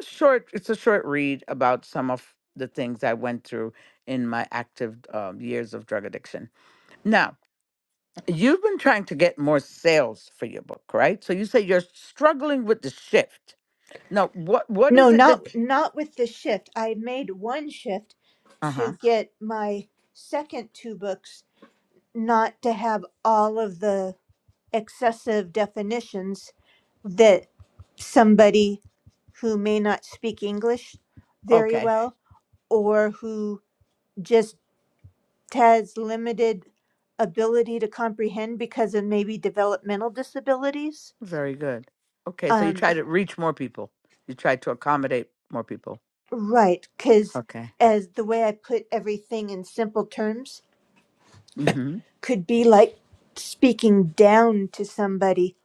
a short it's a short read about some of the things I went through in my active um, years of drug addiction. Now, You've been trying to get more sales for your book, right? So you say you're struggling with the shift. Now, what what No, is it that? not not with the shift. I made one shift Uh huh. to get my second two books not to have all of the excessive definitions that somebody who may not speak English very Okay. well or who just has limited ability to comprehend because of maybe developmental disabilities. Very good. Okay, so you Um, try to reach more people. You try to accommodate more people. Right, because Okay. as the way I put everything in simple terms Mm-hmm. could be like speaking down to somebody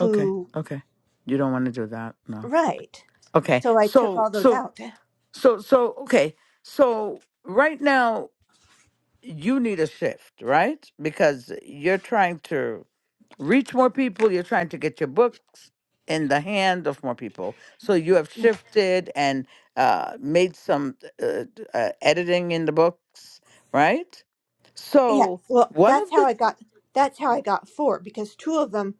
Okay. Okay. You don't want to do that. No. right. Okay. So I took So all those so out. so so okay. So right now you need a shift, right? Because you're trying to reach more people. You're trying to get your books in the hand of more people. So you have Yeah. shifted and uh, made some uh, d- uh, editing in the books, right? Yeah. So Well, one that's of how the I got that's how I got four because two of them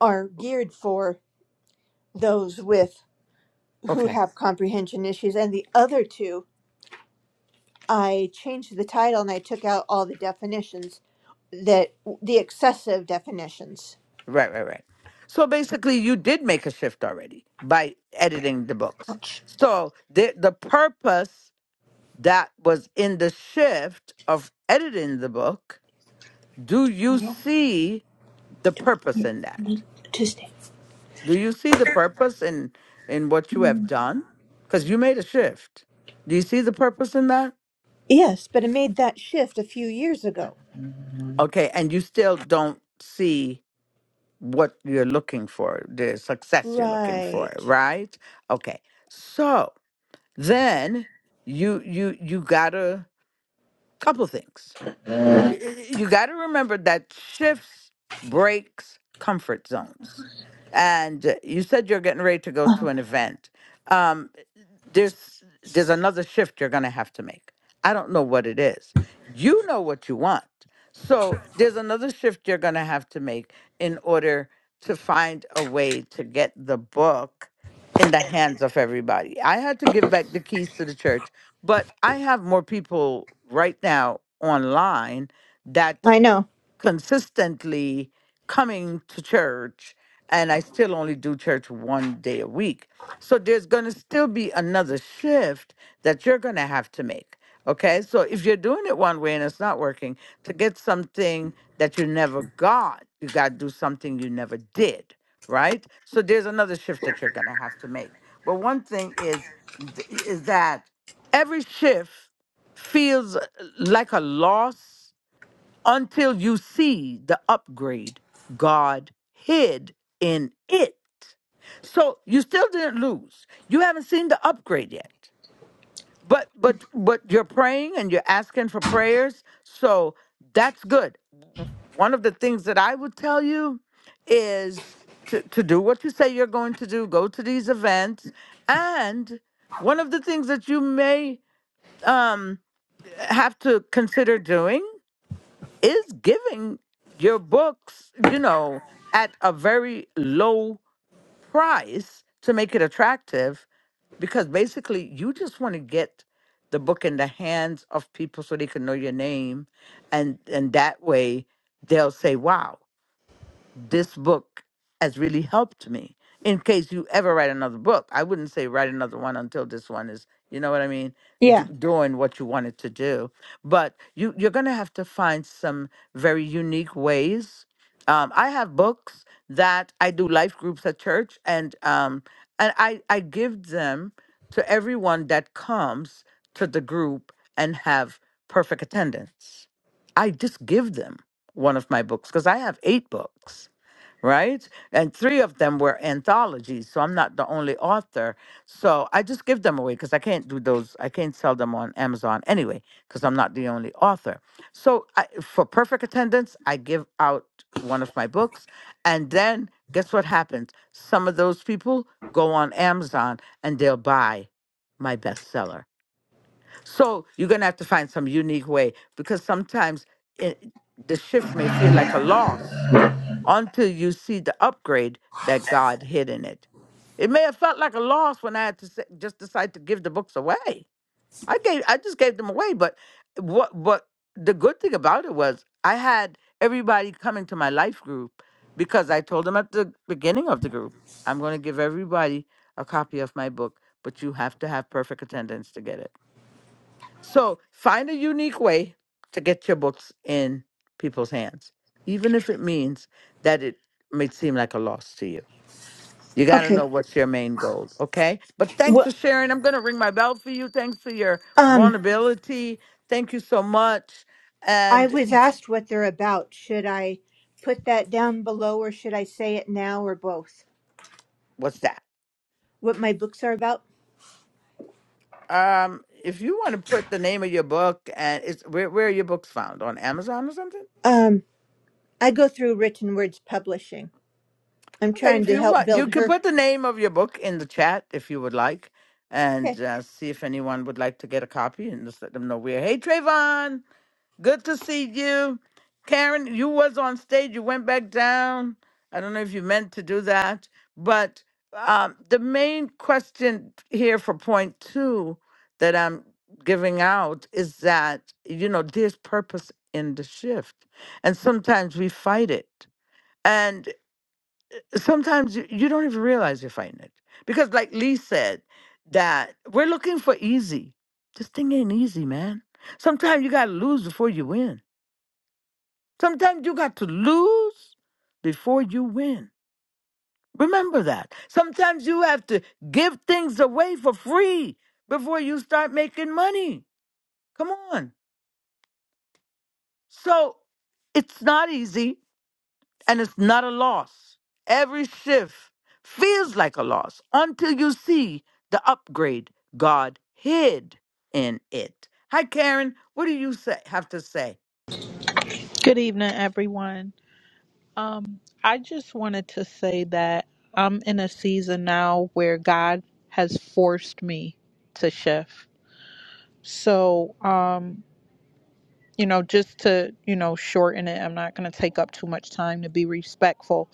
are geared for those with who okay, have comprehension issues and the other two I changed the title and I took out all the definitions that the excessive definitions. right, right, right. So basically, you did make a shift already by editing the books. Ouch. So the the purpose that was in the shift of editing the book, do you see the purpose in that? Tuesday. Do you see the purpose in in what you have done? Because you made a shift. Do you see the purpose in that? Yes, but it made that shift a few years ago. Okay, and you still don't see what you're looking for, the success you're looking Right. for, right? Okay. So then you you you gotta couple things. Y- y- You gotta remember that shifts breaks comfort zones. And uh, you said you're getting ready to go to Oh, an event. Um, there's there's another shift you're going to have to make i don't know what it is you know what you want so there's another shift you're going to have to make in order to find a way to get the book in the hands of everybody i had to give back the keys to the church but i have more people right now online that I know. consistently coming to church and I still only do church one day a week. So there's going to still be another shift that you're going to have to make. Okay? So if you're doing it one way and it's not working, to get something that you never got, you got to do something you never did, right? So there's another shift that you're going to have to make. But one thing is is that every shift feels uh, like a loss until you see the upgrade God hid in it. So you still didn't lose. You haven't seen the upgrade yet. But but but you're praying and you're asking for prayers. So that's good. W- One of the things that I would tell you is to, to do what you say you're going to do, go to these events. And one of the things that you may um, have to consider doing is giving your books, you know, at a very low price to make it attractive because basically you just want to get the book in the hands of people so they can know your name and and that way they'll say wow this book has really helped me in case you ever write another book i wouldn't say write another one until this one is you know what i mean d- Yeah. doing what you wanted to do but you you're going to have to find some very unique ways um, i have books that i do life groups at church and um, and i i give them to everyone that comes to the group and have perfect attendance i just give them one of my books because i have eight books right? And three of them were anthologies, so I'm not the only author. So I just give them away because I can't do those. I can't sell them on Amazon anyway because I'm not the only author. So I, for perfect attendance, I give out one of my books, and then guess what happens? Some of those people go on Amazon and they'll buy my bestseller. So you're gonna have to find some unique way because sometimes it, the shift may feel like a loss until you see the upgrade that God hid in it. It may have felt like a loss when I had to s- just decide to give the books away. I gave, I just gave them away. But what, what the good thing about it was, I had everybody coming to my life group because I told them at the beginning of the group, I'm going to give everybody a copy of my book, but you have to have perfect attendance to get it. So find a unique way to get your books in people's hands, even if it means that it may seem like a loss to you. You got to know okay. what's your main goals, okay? But thanks Well, for sharing. I'm going to ring my bell for you. Thanks for your um, vulnerability. Thank you so much. I And was asked what they're about. Should I put that down below or should I say it now or both? what's that? What my books are about? Um, if you want to put the name of your book and it's where, where are your books found on Amazon or something? Um, I go through Written Words Publishing. I'm Okay, trying if to you help want, you build can her. put the name of your book in the chat if you would like, and Okay. uh, see if anyone would like to get a copy, and just let them know we're. Hey, Trayvon, good to see you. Karen, you was on stage. You went back down. I don't know if you meant to do that, but um, the main question here for point two that I'm giving out is that you know there's purpose in the shift, and sometimes we fight it. and sometimes you, you don't even realize you're fighting it because like lee said that we're looking for easy this thing ain't easy man sometimes you gotta lose before you win sometimes you got to lose before you win remember that sometimes you have to give things away for free before you start making money come on so it's not easy and it's not a loss. Every shift feels like a loss until you see the upgrade God hid in it. Hi, Karen. What do you say, have to say? Good evening, everyone. Um, I just wanted to say that I'm in a season now where God has forced me to shift. So, um, you know, just to, you know, shorten it, I'm not going to take up too much time to be respectful.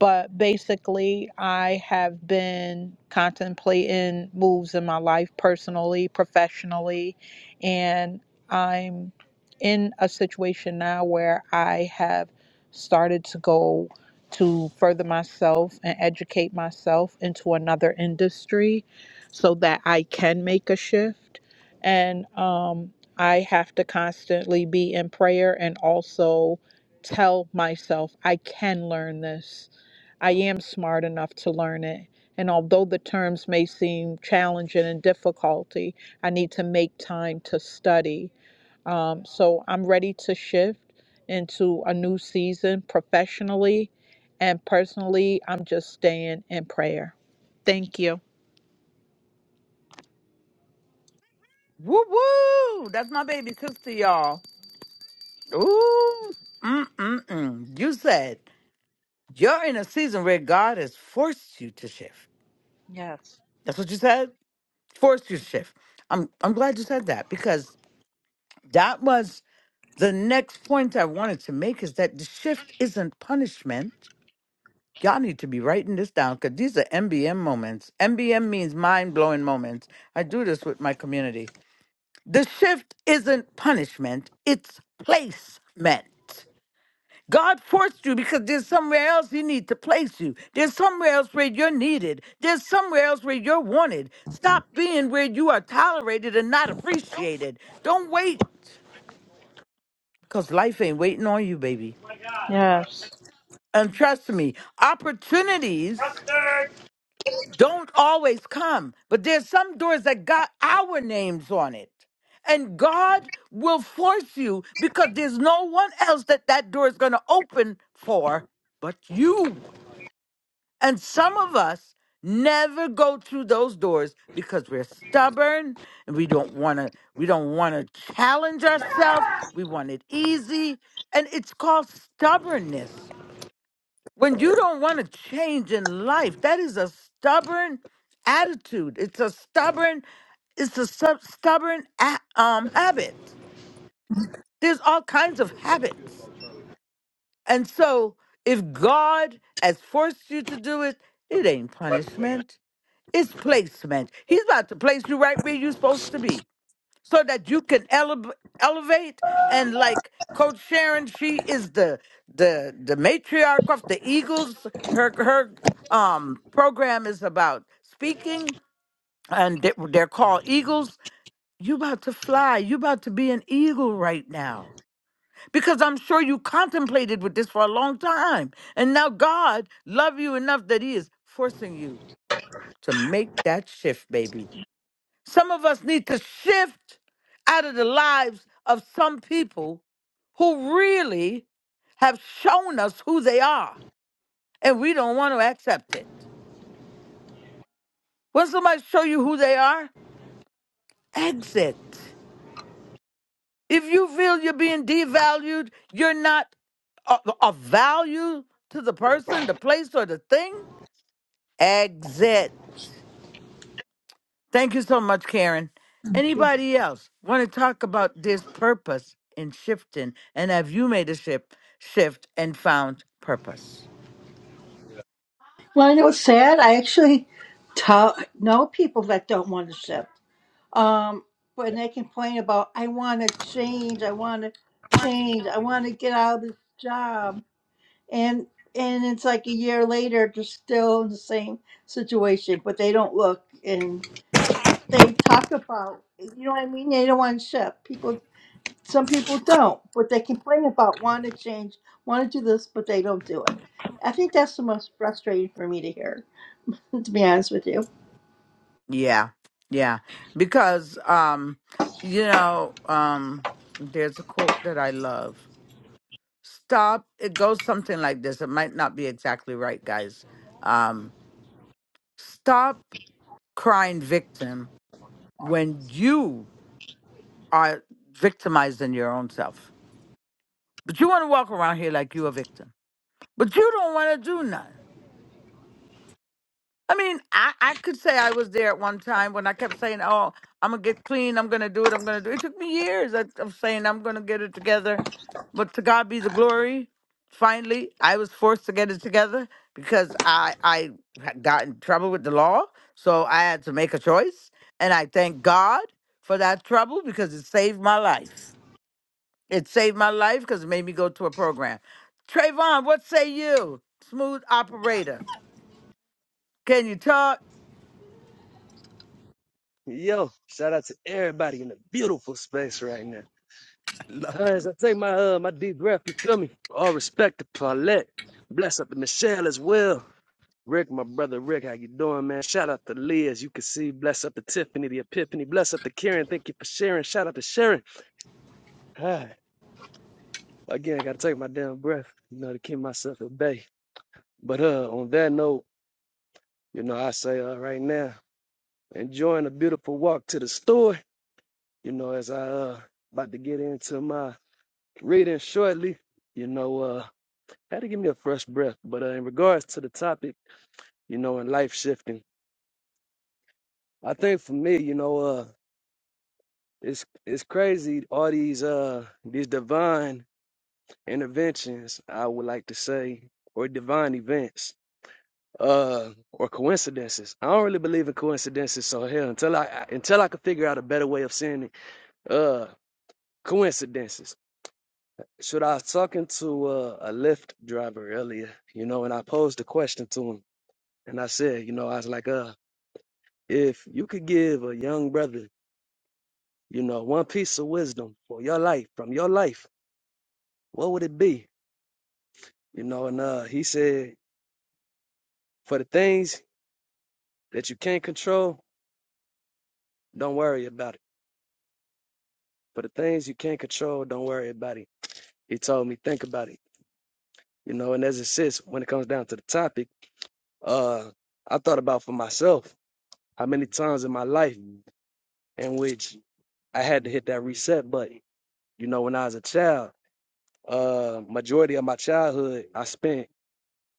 But basically, I have been contemplating moves in my life personally, professionally, and I'm in a situation now where I have started to go to further myself and educate myself into another industry so that I can make a shift. And um, I have to constantly be in prayer and also tell myself I can learn this. I am smart enough to learn it. And although the terms may seem challenging and difficulty, I need to make time to study. Um, so I'm ready to shift into a new season professionally and personally. I'm just staying in prayer. Thank you. Woo woo! That's my baby sister, y'all. Ooh, mm mm mm. You said you're in a season where God has forced you to shift. Yes. That's what you said. Forced you to shift. I'm I'm glad you said that because that was The next point I wanted to make is that the shift isn't punishment. Y'all need to be writing this down because these are MBM moments. MBM means mind blowing moments. I do this with my community. The shift isn't punishment, it's placement. God forced you because there's somewhere else He need to place you. There's somewhere else where you're needed. There's somewhere else where you're wanted. Stop being where you are tolerated and not appreciated. Don't wait because life ain't waiting on you, baby. Yes. And trust me, opportunities don't always come, but there's some doors that got our names on it. And God will force you because there's no one else that that door is going to open for but you. And some of us never go through those doors because we're stubborn and we don't want to we don't want to challenge ourselves. We want it easy, and it's called stubbornness. When you don't want to change in life, that is a stubborn attitude. It's a stubborn, it's a sub- stubborn a- um, habit. There's all kinds of habits. And so if God has forced you to do it, it ain't punishment. It's placement. He's about to place you right where you're supposed to be so that you can eleva- elevate and like coach sharon she is the the the matriarch of the eagles her her um program is about speaking and they- they're called eagles you about to fly you about to be an eagle right now because i'm sure you contemplated with this for a long time and now god love you enough that he is forcing you to make that shift baby some of us need to shift out of the lives of some people who really have shown us who they are and we don't want to accept it. When somebody show you who they are, exit. If you feel you're being devalued, you're not a of value to the person, the place, or the thing, exit. Thank you so much, Karen. Anybody else want to talk about this purpose in shifting? And have you made a shift, shift and found purpose? Well, I know it's sad. I actually tell, know people that don't want to ship. um when they complain about i want to change i want to change i want to get out of this job and and it's like a year later they're still in the same situation but they don't look and they talk about you know what i mean they don't want to shift people some people don't but they complain about want to change want to do this but they don't do it i think that's the most frustrating for me to hear [laughs] to be honest with you Yeah, yeah. Because um, you know, um, there's a quote that I love. Stop. It goes something like this. It might not be exactly right, guys. Um, stop crying victim when you are victimizing your own self. But you want to walk around here like you a victim But you don't want to do nothing. I mean, I, I could say I was there at one time when I kept saying, oh, I'm going to get clean. I'm going to do it. I'm going to do it. It took me years of of saying I'm going to get it together. But to God be the glory. Finally, I was forced to get it together because I, I had got in trouble with the law. So I had to make a choice. And I thank God for that trouble because it saved my life. It saved my life because it made me go to a program. Trayvon, what say you? Smooth operator. Can you talk? Yo, shout out to everybody in the beautiful space right now. [laughs] I love Uh, As him. I take my uh my deep breath, you feel me? All respect to Paulette. Bless up to Michelle as well. Rick, my brother Rick, how you doing, man? Shout out to Lee, as you can see. Bless up to Tiffany, the Epiphany. Bless up to Karen. Thank you for sharing. Shout out to Sharon. Ah, Again, I gotta take my damn breath, you know, to keep myself at bay. But uh, on that note, you know, I say uh, right now, enjoying a beautiful walk to the store. You know, as I uh about to get into my reading shortly. You know, uh, had to give me a fresh breath. But uh, in regards to the topic, you know, and life shifting, I think for me, you know, uh, it's it's crazy all these uh these divine interventions. I would like to say, or divine events, uh, or coincidences. I don't really believe in coincidences. So hell, until I I- until I could figure out a better way of saying it, uh, coincidences. So I was talking to uh, a Lyft driver earlier, you know, and I posed a question to him And I said, you know, I was like, uh, if you could give a young brother, you know, one piece of wisdom for your life, from your life, what would it be? You know, and uh, he said, for the things that you can't control, don't worry about it. For the things you can't control, don't worry about it. He told me, think about it. You know, and as it sits, when it comes down to the topic, uh, I thought about for myself how many times in my life in which I had to hit that reset button. You know, when I was a child, Uh, majority of my childhood, I spent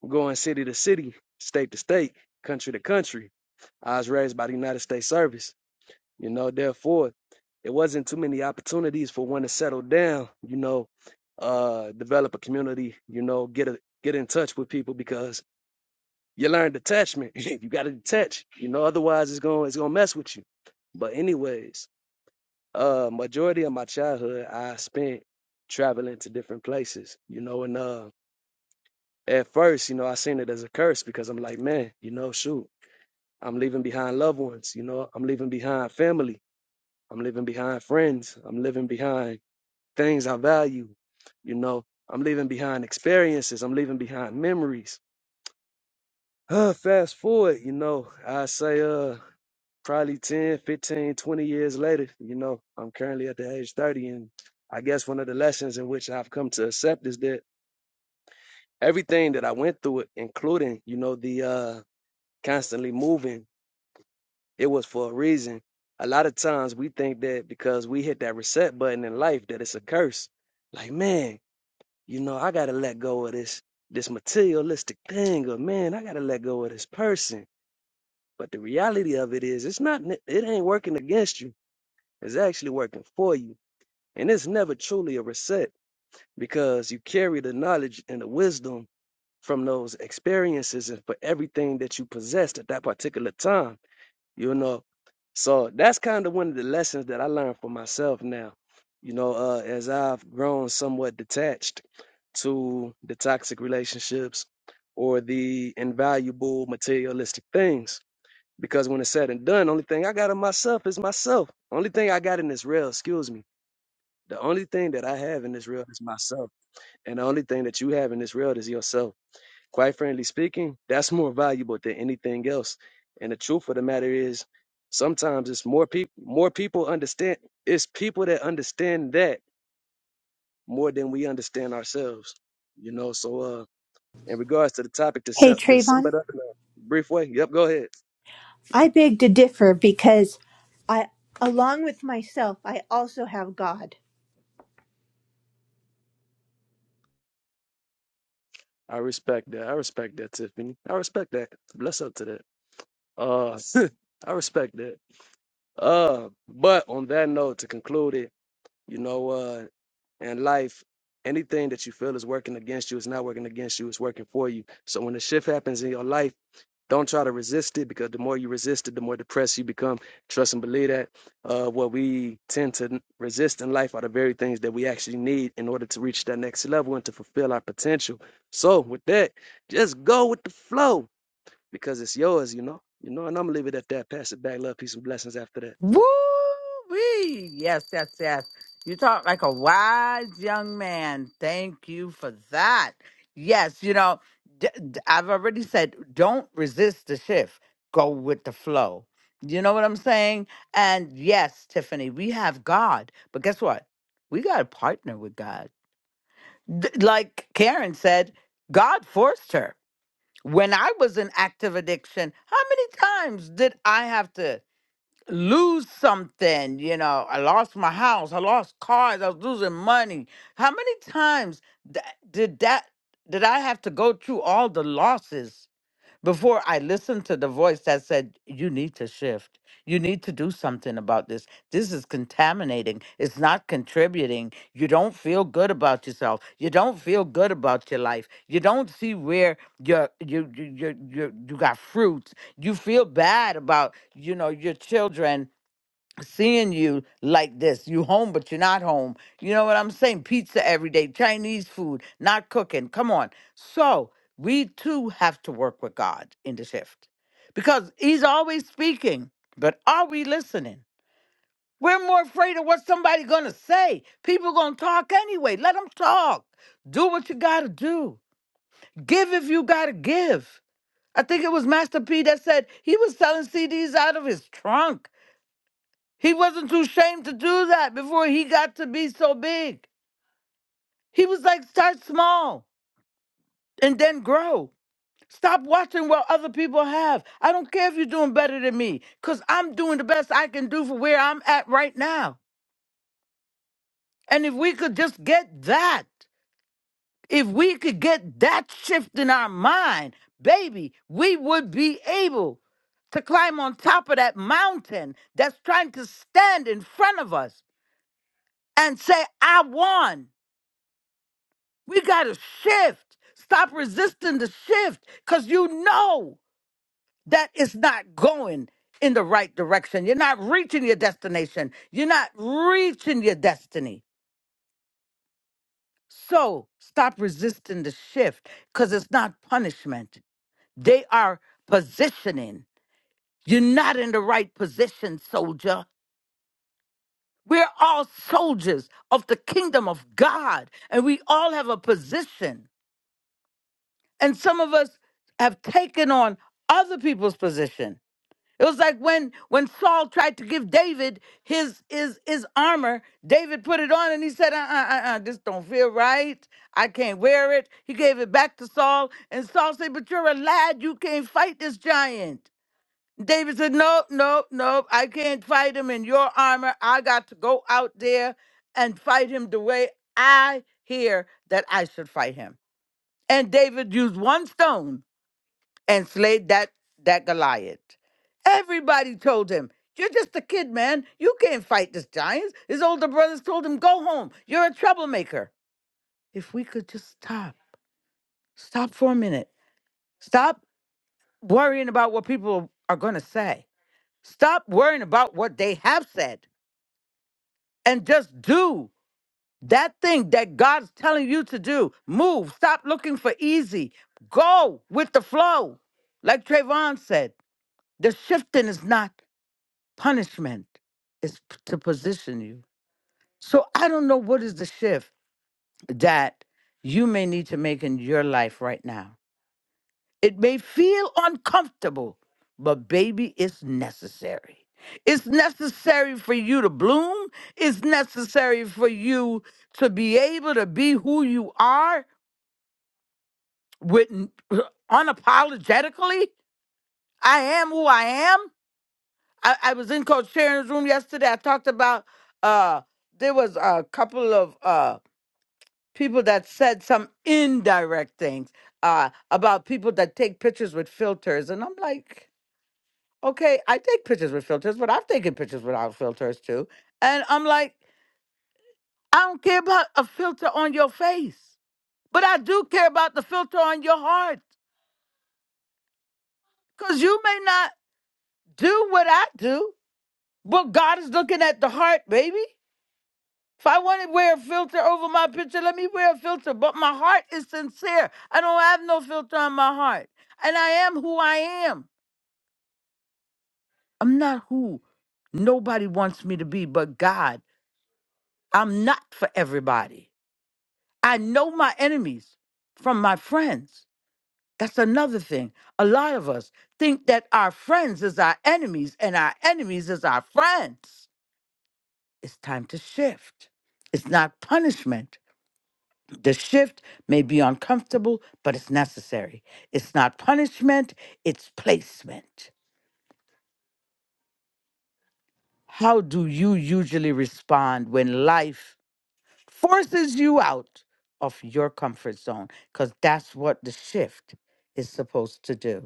going city to city, state to state, country to country. I was raised by the United States Service. You know, therefore, it wasn't too many opportunities for one to settle down. You know, uh, develop a community. You know, get a get in touch with people because you learn detachment. [laughs] you got to detach. You know, otherwise it's going it's gonna mess with you. But anyways, uh, majority of my childhood I spent traveling to different places. You know, and uh at first, you know, I seen it as a curse because I'm like, man, you know, shoot, I'm leaving behind loved ones, you know, I'm leaving behind family, I'm leaving behind friends, I'm leaving behind things I value, you know, I'm leaving behind experiences, I'm leaving behind memories. Uh, fast forward, you know, I say, uh, probably 10, 15, 20 years later, you know, I'm currently at the age 30. And I guess one of the lessons in which I've come to accept is that everything that I went through, it, including, you know, the, uh, constantly moving, it was for a reason. A lot of times we think that because we hit that reset button in life that it's a curse. Like, man, you know, I gotta let go of this this materialistic thing, or man, I gotta let go of this person. But the reality of it is it's not it ain't working against you. It's actually working for you. And it's never truly a reset because you carry the knowledge and the wisdom from those experiences and for everything that you possessed at that particular time. you know. So that's kind of one of the lessons that I learned for myself now, you know, uh, as I've grown somewhat detached to the toxic relationships or the invaluable materialistic things. Because when it's said and done, only thing I got in myself is myself. Only thing I got in this real, excuse me, the only thing that I have in this real is myself. And the only thing that you have in this real is yourself. Quite frankly speaking, that's more valuable than anything else. And the truth of the matter is, sometimes it's more people more people understand it's people that understand that more than we understand ourselves. You know, so uh in regards to the topic to Hey, sum, to sum it Trayvon. up in a brief way. Yep, go ahead. I beg to differ because I, along with myself, I also have God. I respect that. I respect that, Tiffany. I respect that. Bless up to that. Uh, [laughs] I respect that. Uh, but on that note, to conclude it, you know, uh, in life, anything that you feel is working against you, it's not working against you, it's working for you. So when the shift happens in your life, don't try to resist it because the more you resist it, the more depressed you become. Trust and believe that. Uh, what we tend to resist in life are the very things that we actually need in order to reach that next level and to fulfill our potential. So with that, just go with the flow because it's yours, you know. You know, and I'm gonna leave it at that. Pass it back. Love, peace, and blessings after that. Woo wee. Yes, yes, yes. You talk like a wise young man. Thank you for that. Yes, you know, d- d- I've already said don't resist the shift, go with the flow. You know what I'm saying? And yes, Tiffany, we have God, but guess what? We got to partner with God. D- like Karen said, God forced her. When I was in active addiction, how many times did I have to? lose something. You know, I lost my house, I lost cars, I was losing money. How many times tha- did that did I have to go through all the losses? Before I listened to the voice that said, You need to shift. You need to do something about this. This is contaminating. It's not contributing. You don't feel good about yourself. You don't feel good about your life. You don't see where you're, you, you, you, you, you got fruits. You feel bad about, you know, your children seeing you like this. You home, but you're not home. You know what I'm saying? Pizza every day, Chinese food, not cooking. Come on. So we too have to work with God in the shift because He's always speaking, but are we listening? We're more afraid of what somebody gonna say. People gonna talk anyway. Let them talk. Do what you gotta do. Give if you gotta give. I think it was Master P that said he was selling CDs out of his trunk. He wasn't too ashamed to do that before he got to be so big. He was like, start small and then grow. Stop watching what other people have. I don't care if you're doing better than me, because I'm doing the best I can do for where I'm at right now. And if we could just get that, if we could get that shift in our mind, baby, we would be able to climb on top of that mountain that's trying to stand in front of us and say, I won. We got to shift. Stop resisting the shift because you know that it's not going in the right direction. You're not reaching your destination. You're not reaching your destiny. So stop resisting the shift because it's not punishment. They are positioning. You're not in the right position, soldier. We're all soldiers of the kingdom of God, and we all have a position. and some of us have taken on other people's position it was like when when saul tried to give david his his his armor david put it on and he said uh uh uh, uh this don't feel right i can't wear it he gave it back to saul and saul said but you're a lad you can't fight this giant david said no no no i can't fight him in your armor i got to go out there and fight him the way i hear that i should fight him and david used one stone and slayed that that Goliath. Everybody told him, "You're just a kid, man. You can't fight this giant." His older brothers told him, "Go home. You're a troublemaker." If we could just stop, stop for a minute, stop worrying about what people are going to say, stop worrying about what they have said, and just do that thing that God's telling you to do. Move. Stop looking for easy. Go with the flow. Like Trayvon said, the shifting is not. punishment is p- to position you. So I don't know what is the shift that you may need to make in your life right now. It may feel uncomfortable, but baby, it's necessary. It's necessary for you to bloom. It's necessary for you to be able to be who you are with [clears throat] unapologetically. I am who I am. I, I was in Coach Sharon's room yesterday. I talked about uh there was a couple of uh people that said some indirect things uh about people that take pictures with filters. And I'm like, okay, I take pictures with filters, but I've taken pictures without filters too. And I'm like, I don't care about a filter on your face, but I do care about the filter on your heart. Cause you may not do what I do, but God is looking at the heart, baby. If I want to wear a filter over my picture, let me wear a filter. But my heart is sincere. I don't have no filter on my heart. And I am who I am. I'm not who nobody wants me to be but God. I'm not for everybody. I know my enemies from my friends. That's another thing. A lot of us think that our friends is our enemies and our enemies is our friends. It's time to shift. It's not punishment. The shift may be uncomfortable, but it's necessary. It's not punishment, it's placement. How do you usually respond when life forces you out of your comfort zone? Because that's what the shift is supposed to do.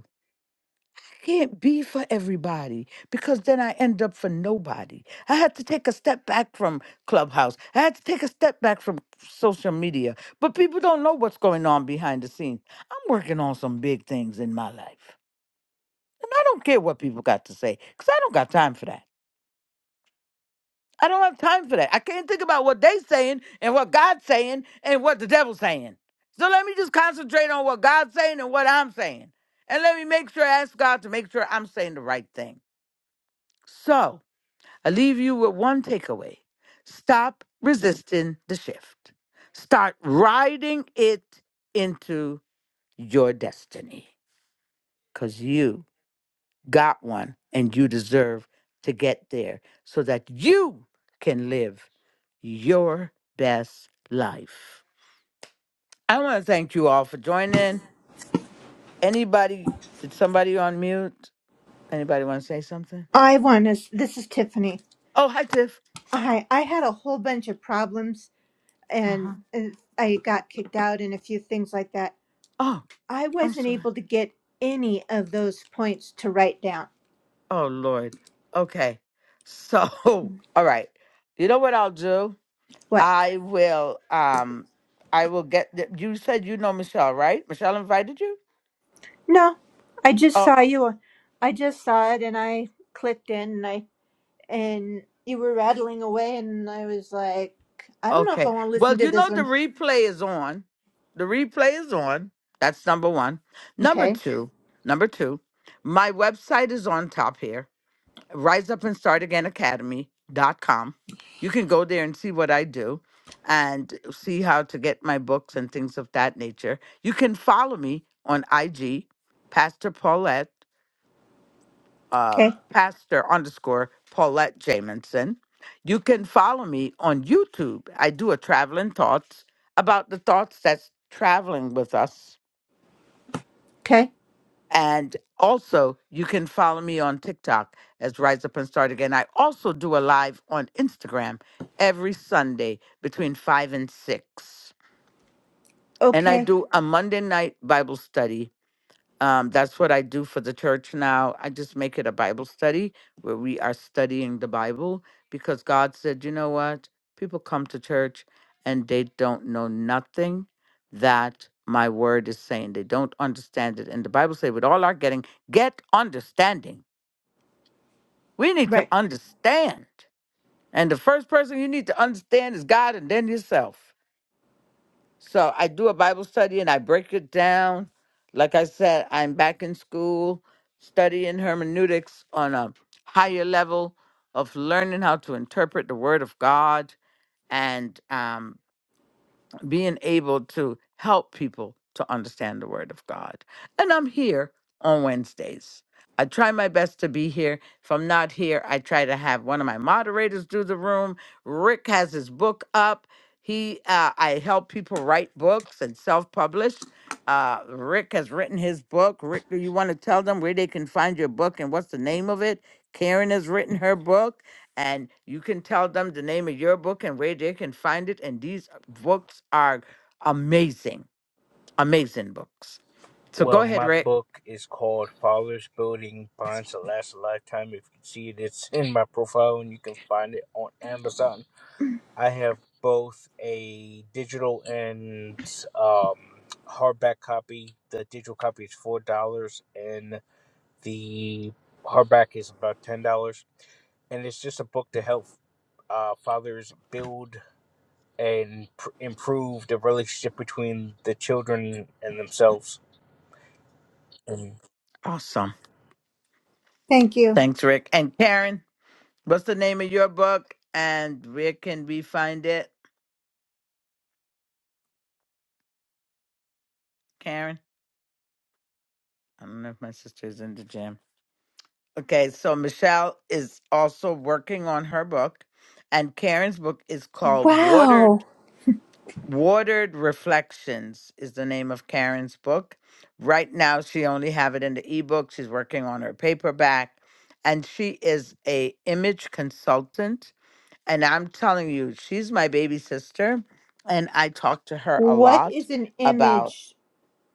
can't be for everybody because then I end up for nobody. I had to take a step back from Clubhouse. I had to take a step back from social media. But people don't know what's going on behind the scenes. I'm working on some big things in my life. And I don't care what people got to say because I don't got time for that. I don't have time for that. I can't think about what they saying and what God's saying and what the devil's saying. So let me just concentrate on what God's saying and what I'm saying. And let me make sure ask God to make sure I'm saying the right thing. So, I leave you with one takeaway stop resisting the shift, start riding it into your destiny because you got one and you deserve to get there so that you can live your best life. I want to thank you all for joining. Anybody, did somebody on mute? Anybody want to say something? I want to. This is Tiffany. Oh, hi, Tiff. I I had a whole bunch of problems, Uh and, huh. and I got kicked out, and a few things like that. Oh, I I'm wasn't sorry. able to get any of those points to write down. Oh Lord. Okay. So, [laughs] all right. You know what I'll do? What? I will um I will get the, you said you know Michelle, right? Michelle invited you? No, I just Oh, saw you. I just saw it, and I clicked in, and I and you were rattling away, and I was like, I don't know if I okay. want to listen Well, to you this know the one. replay is on. The replay is on. That's number 1. Number Okay, 2. Number 2. My website is on top here. rise up and start again Academy dot com. you can go there and see what i do and see how to get my books and things of that nature you can follow me on ig pastor paulette uh, okay, pastor underscore paulette jamison you can follow me on youtube i do a traveling thoughts about the thoughts that's traveling with us okay, And also, you can follow me on TikTok as Rise Up and Start Again. I also do a live on Instagram every Sunday between 5 and 6. And I okay. do a Monday night Bible study um, that's what I do for the church now. I just make it a Bible study where we are studying the Bible because God said, you know what? People come to church and they don't know nothing that my word is saying. They don't understand it. And the Bible says, with all our getting, get understanding. We need to Right. understand. And the first person you need to understand is God and then yourself. So I do a Bible study and I break it down. Like I said, I'm back in school studying hermeneutics on a higher level of learning how to interpret the Word of God. And um being able to help people to understand the Word of God. And I'm here on Wednesdays. I try my best to be here. If I'm not here, I try to have one of my moderators do the room. Rick has his book up. He, uh, I help people write books and self-publish. Uh, Rick has written his book. Rick, do you want to tell them where they can find your book and what's the name of it? Karen has written her book and you can tell them the name of your book and where they can find it. And these books are amazing, amazing books. So go Well, ahead, my Rick. book is called Fathers Building Bonds That Last a Lifetime. If you see it, it's in my profile and you can find it on Amazon I have both a digital and um, hardback copy. The digital copy is four dollars, and the hardback is about ten dollars. And it's just a book to help uh, fathers build and pr- improve the relationship between the children and themselves. And Awesome. Thank you. Thanks, Rick. And Karen, what's the name of your book and where can we find it? Karen? I don't know if my sister's in the gym. Okay, so Michelle is also working on her book, and Karen's book is called Water Wow. Watered Reflections is the name of Karen's book. Right now, she only have it in the ebook. She's working on her paperback, and she is a image consultant. And I'm telling you, she's my baby sister, and I talk to her a What lot is an about image?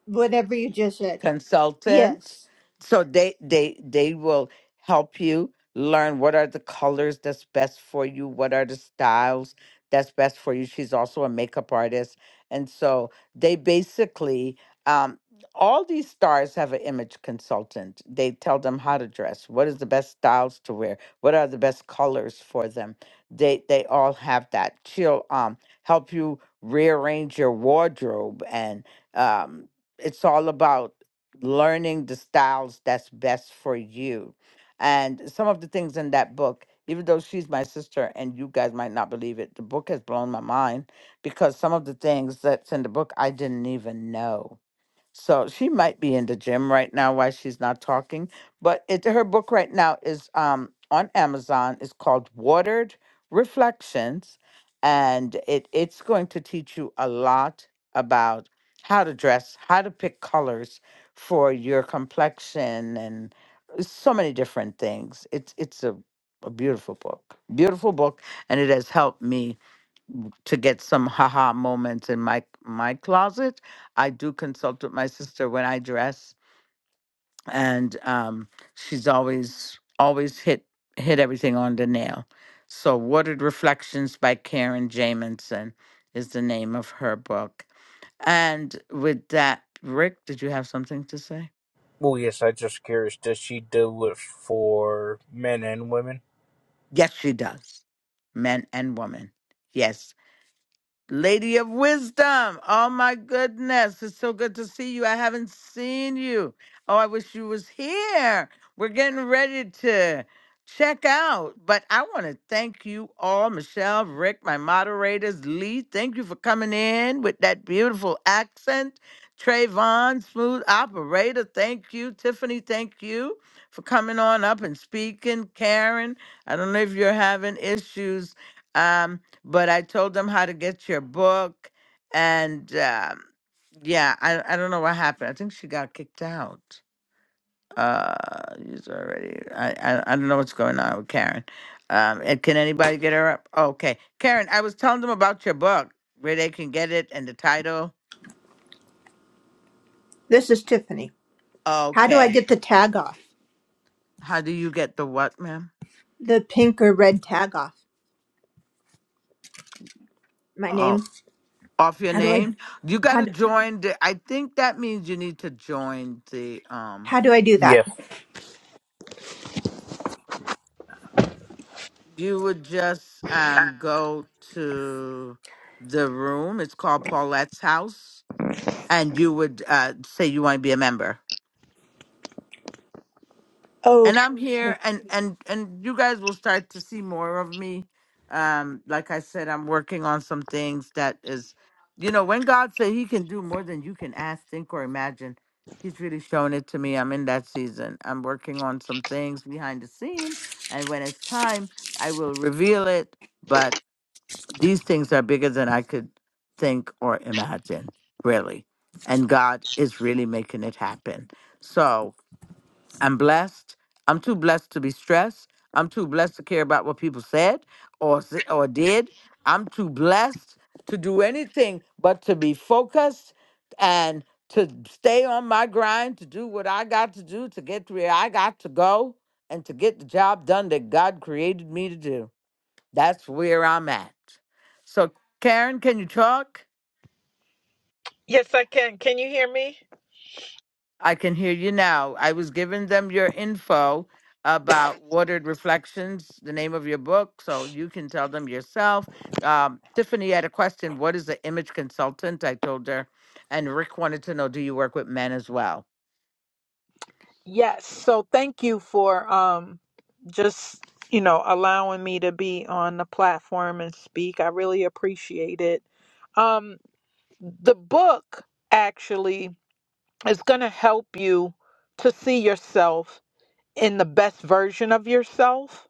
Whatever you just said. consultant Yes. so they they they will help you learn what are the colors that's best for you what are the styles that's best for you she's also a makeup artist and so they basically um all these stars have an image consultant they tell them how to dress what is the best styles to wear what are the best colors for them they they all have that she'll um help you rearrange your wardrobe and um it's all about learning the styles that's best for you. And some of the things in that book, even though she's my sister and you guys might not believe it, the book has blown my mind because some of the things that's in the book I didn't even know. So she might be in the gym right now while she's not talking. But it her book right now is um on Amazon. It's called Watered Reflections. And it it's going to teach you a lot about how to dress, how to pick colors for your complexion and so many different things. It's it's a, a beautiful book. Beautiful book. And it has helped me to get some haha moments in my my closet. I do consult with my sister when I dress, and um, she's always always hit hit everything on the nail. So, Watered Reflections by Karen Jamison is the name of her book. And with that, Rick, did you have something to say? well, yes, I just curious. Does she do it for men and women? Yes, she does. Men and women. Yes. Lady of Wisdom. Oh my goodness. It's so good to see you. I haven't seen you. Oh, I wish you was here. We're getting ready to check out. But I want to thank you all, Michelle, Rick, my moderators, Lee. Thank you for coming in with that beautiful accent. Trayvon, smooth operator, thank you. Tiffany, thank you for coming on up and speaking. Karen, I don't know if you're having issues. Um, but I told them how to get your book, and um, yeah, I I don't know what happened. I think she got kicked out. Uh, she's already. I, I I don't know what's going on with Karen. Um, and can anybody get her up? Okay, Karen, I was telling them about your book, where they can get it, and the title. This is Tiffany. How do I Okay, get the tag off? how do you get the what, ma'am? The pink or red tag off? My name? Oh. Off your How do I name, you got how to do, join. The, I think that means you need to join the um how do I do that? Yeah, you would just um go to the room. It's called Paulette's House, and you would uh, say you want to be a member. And I'm here, Okay. and and and you guys will start to see more of me. Um, like I said, I'm working on some things that is, you know, when God said He can do more than you can ask, think, or imagine, He's really showing it to me. I'm in that season. I'm working on some things behind the scene, and when it's time, I will reveal it. But these things are bigger than I could think or imagine, really. And God is really making it happen. So I'm blessed. I'm too blessed to be stressed. I'm too blessed to care about what people said or s- or did. I'm too blessed to do anything but to be focused and to stay on my grind, to do what I got to do, to get to where I got to go, and to get the job done that God created me to do. That's where I'm at. So, Karen, can you talk? Yes, I can. Can you hear me? I can hear you now. I was giving them your info about Watered Reflections, the name of your book, so you can tell them yourself. Um, Tiffany had a question What is the image consultant? I told her. And Rick wanted to know Do you work with men as well? Yes. So thank you for um just, you know, allowing me to be on the platform and speak. I really appreciate it. Um the book actually is going to help you to see yourself in the best version of yourself.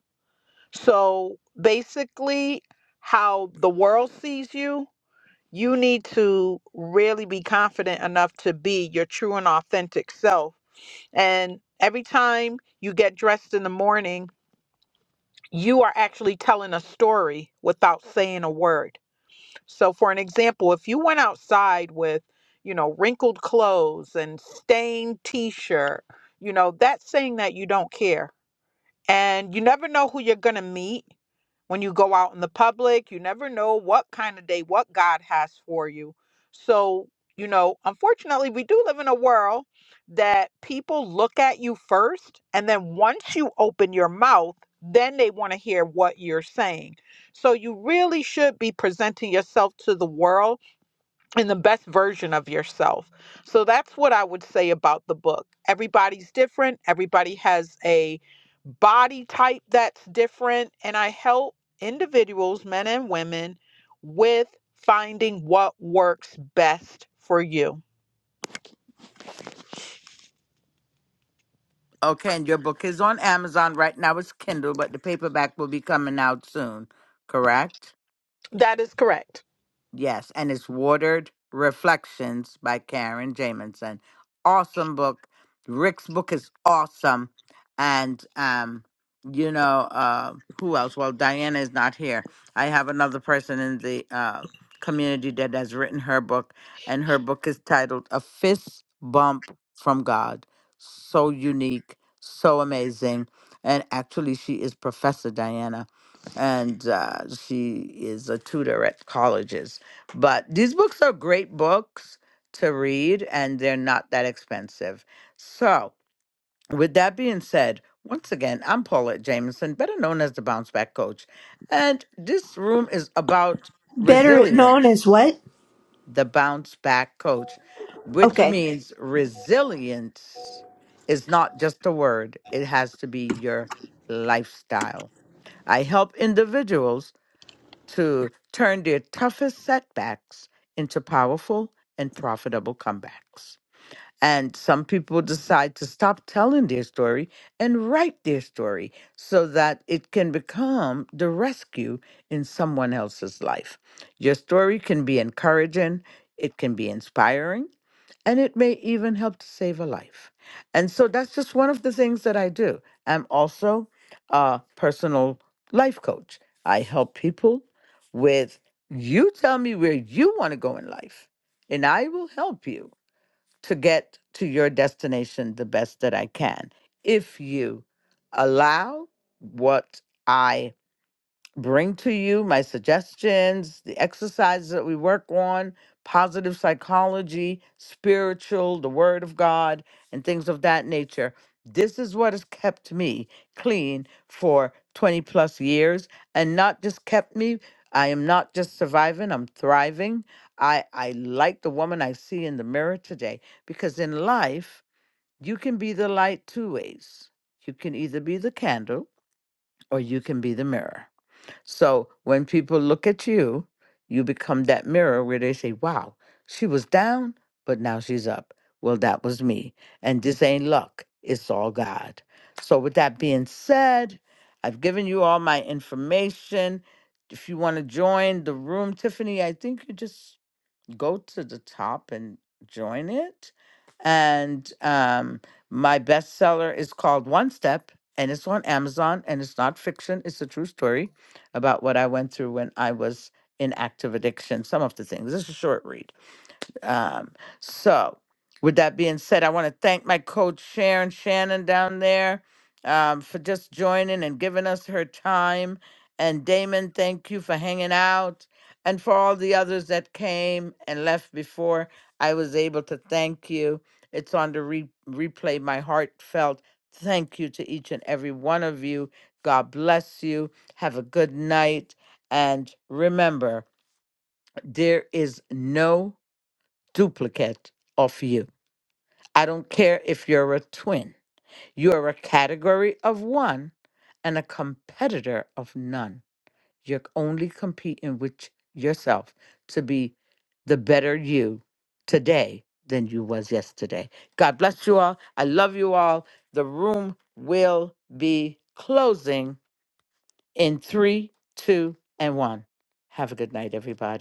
So basically how the world sees you, you need to really be confident enough to be your true and authentic self and every time you get dressed in the morning, you are actually telling a story without saying a word. So, for an example, if you went outside with, you know, wrinkled clothes and stained t shirt, you know, that's saying that you don't care. And you never know who you're going to meet when you go out in the public. You never know what kind of day, what God has for you. So, you know, unfortunately, we do live in a world that people look at you first. And then once you open your mouth, then they want to hear what you're saying. So you really should be presenting yourself to the world and the best version of yourself. So that's what I would say about the book. Everybody's different, everybody has a body type that's different, and I help individuals, men and women, with finding what works best for you. Okay, and your book is on Amazon right now. It's Kindle, but the paperback will be coming out soon, correct? That is correct. Yes, and it's Watered Reflections by Karen Jamison. Awesome book. Rick's book is awesome. And um, you know, uh who else? Well, Diana is not here. I have another person in the uh community that has written her book, and her book is titled A Fist Bump from God. So unique, so amazing. And actually she is Professor Diana. And uh, she is a tutor at colleges but these books are great books to read and they're not that expensive. So, with that being said, once again, I'm Paulette Jameson, better known as the Bounce Back Coach. And this room is about Better known as resilience, what? the Bounce Back Coach, which Okay. means resilience is not just a word, it has to be your lifestyle. I help individuals to turn their toughest setbacks into powerful and profitable comebacks. And some people decide to stop telling their story and write their story so that it can become the rescue in someone else's life. Your story can be encouraging, it can be inspiring, and it may even help to save a life. And so that's just one of the things that I do. I'm also a personal life coach. I help people with you tell me where you want to go in life, and I will help you to get to your destination the best that I can if you allow what I bring to you my suggestions, the exercises that we work on, positive psychology, spiritual, the word of God, and things of that nature. This is what has kept me clean for 20 plus years and not just kept me. I am not just surviving, I'm thriving. I, I like the woman I see in the mirror today because in life, you can be the light two ways. You can either be the candle or you can be the mirror. So when people look at you, you become that mirror where they say, wow, she was down, but now she's up. Well, that was me. And this ain't luck, it's all God. So, with that being said, I've given you all my information. If you want to join the room, Tiffany, I think you just go to the top and join it. And um, my bestseller is called One Step, and it's on Amazon, and it's not fiction. It's a true story about what I went through when I was in active addiction. Some of the things. This is a short read um, so, with that being said, I want to thank my coach Sharon Shannon down there um, for just joining and giving us her time. And Damon, thank you for hanging out and for all the others that came and left before I was able to thank you. It's on the re- replay. My heartfelt thank you to each and every one of you. God bless you. Have a good night. And remember, there is no duplicate of you. I don't care if you're a twin. You are a category of one and a competitor of none. You're only competing with yourself to be the better you today than you was yesterday. God bless you all. I love you all. The room will be closing in three, two, and one. Have a good night, everybody.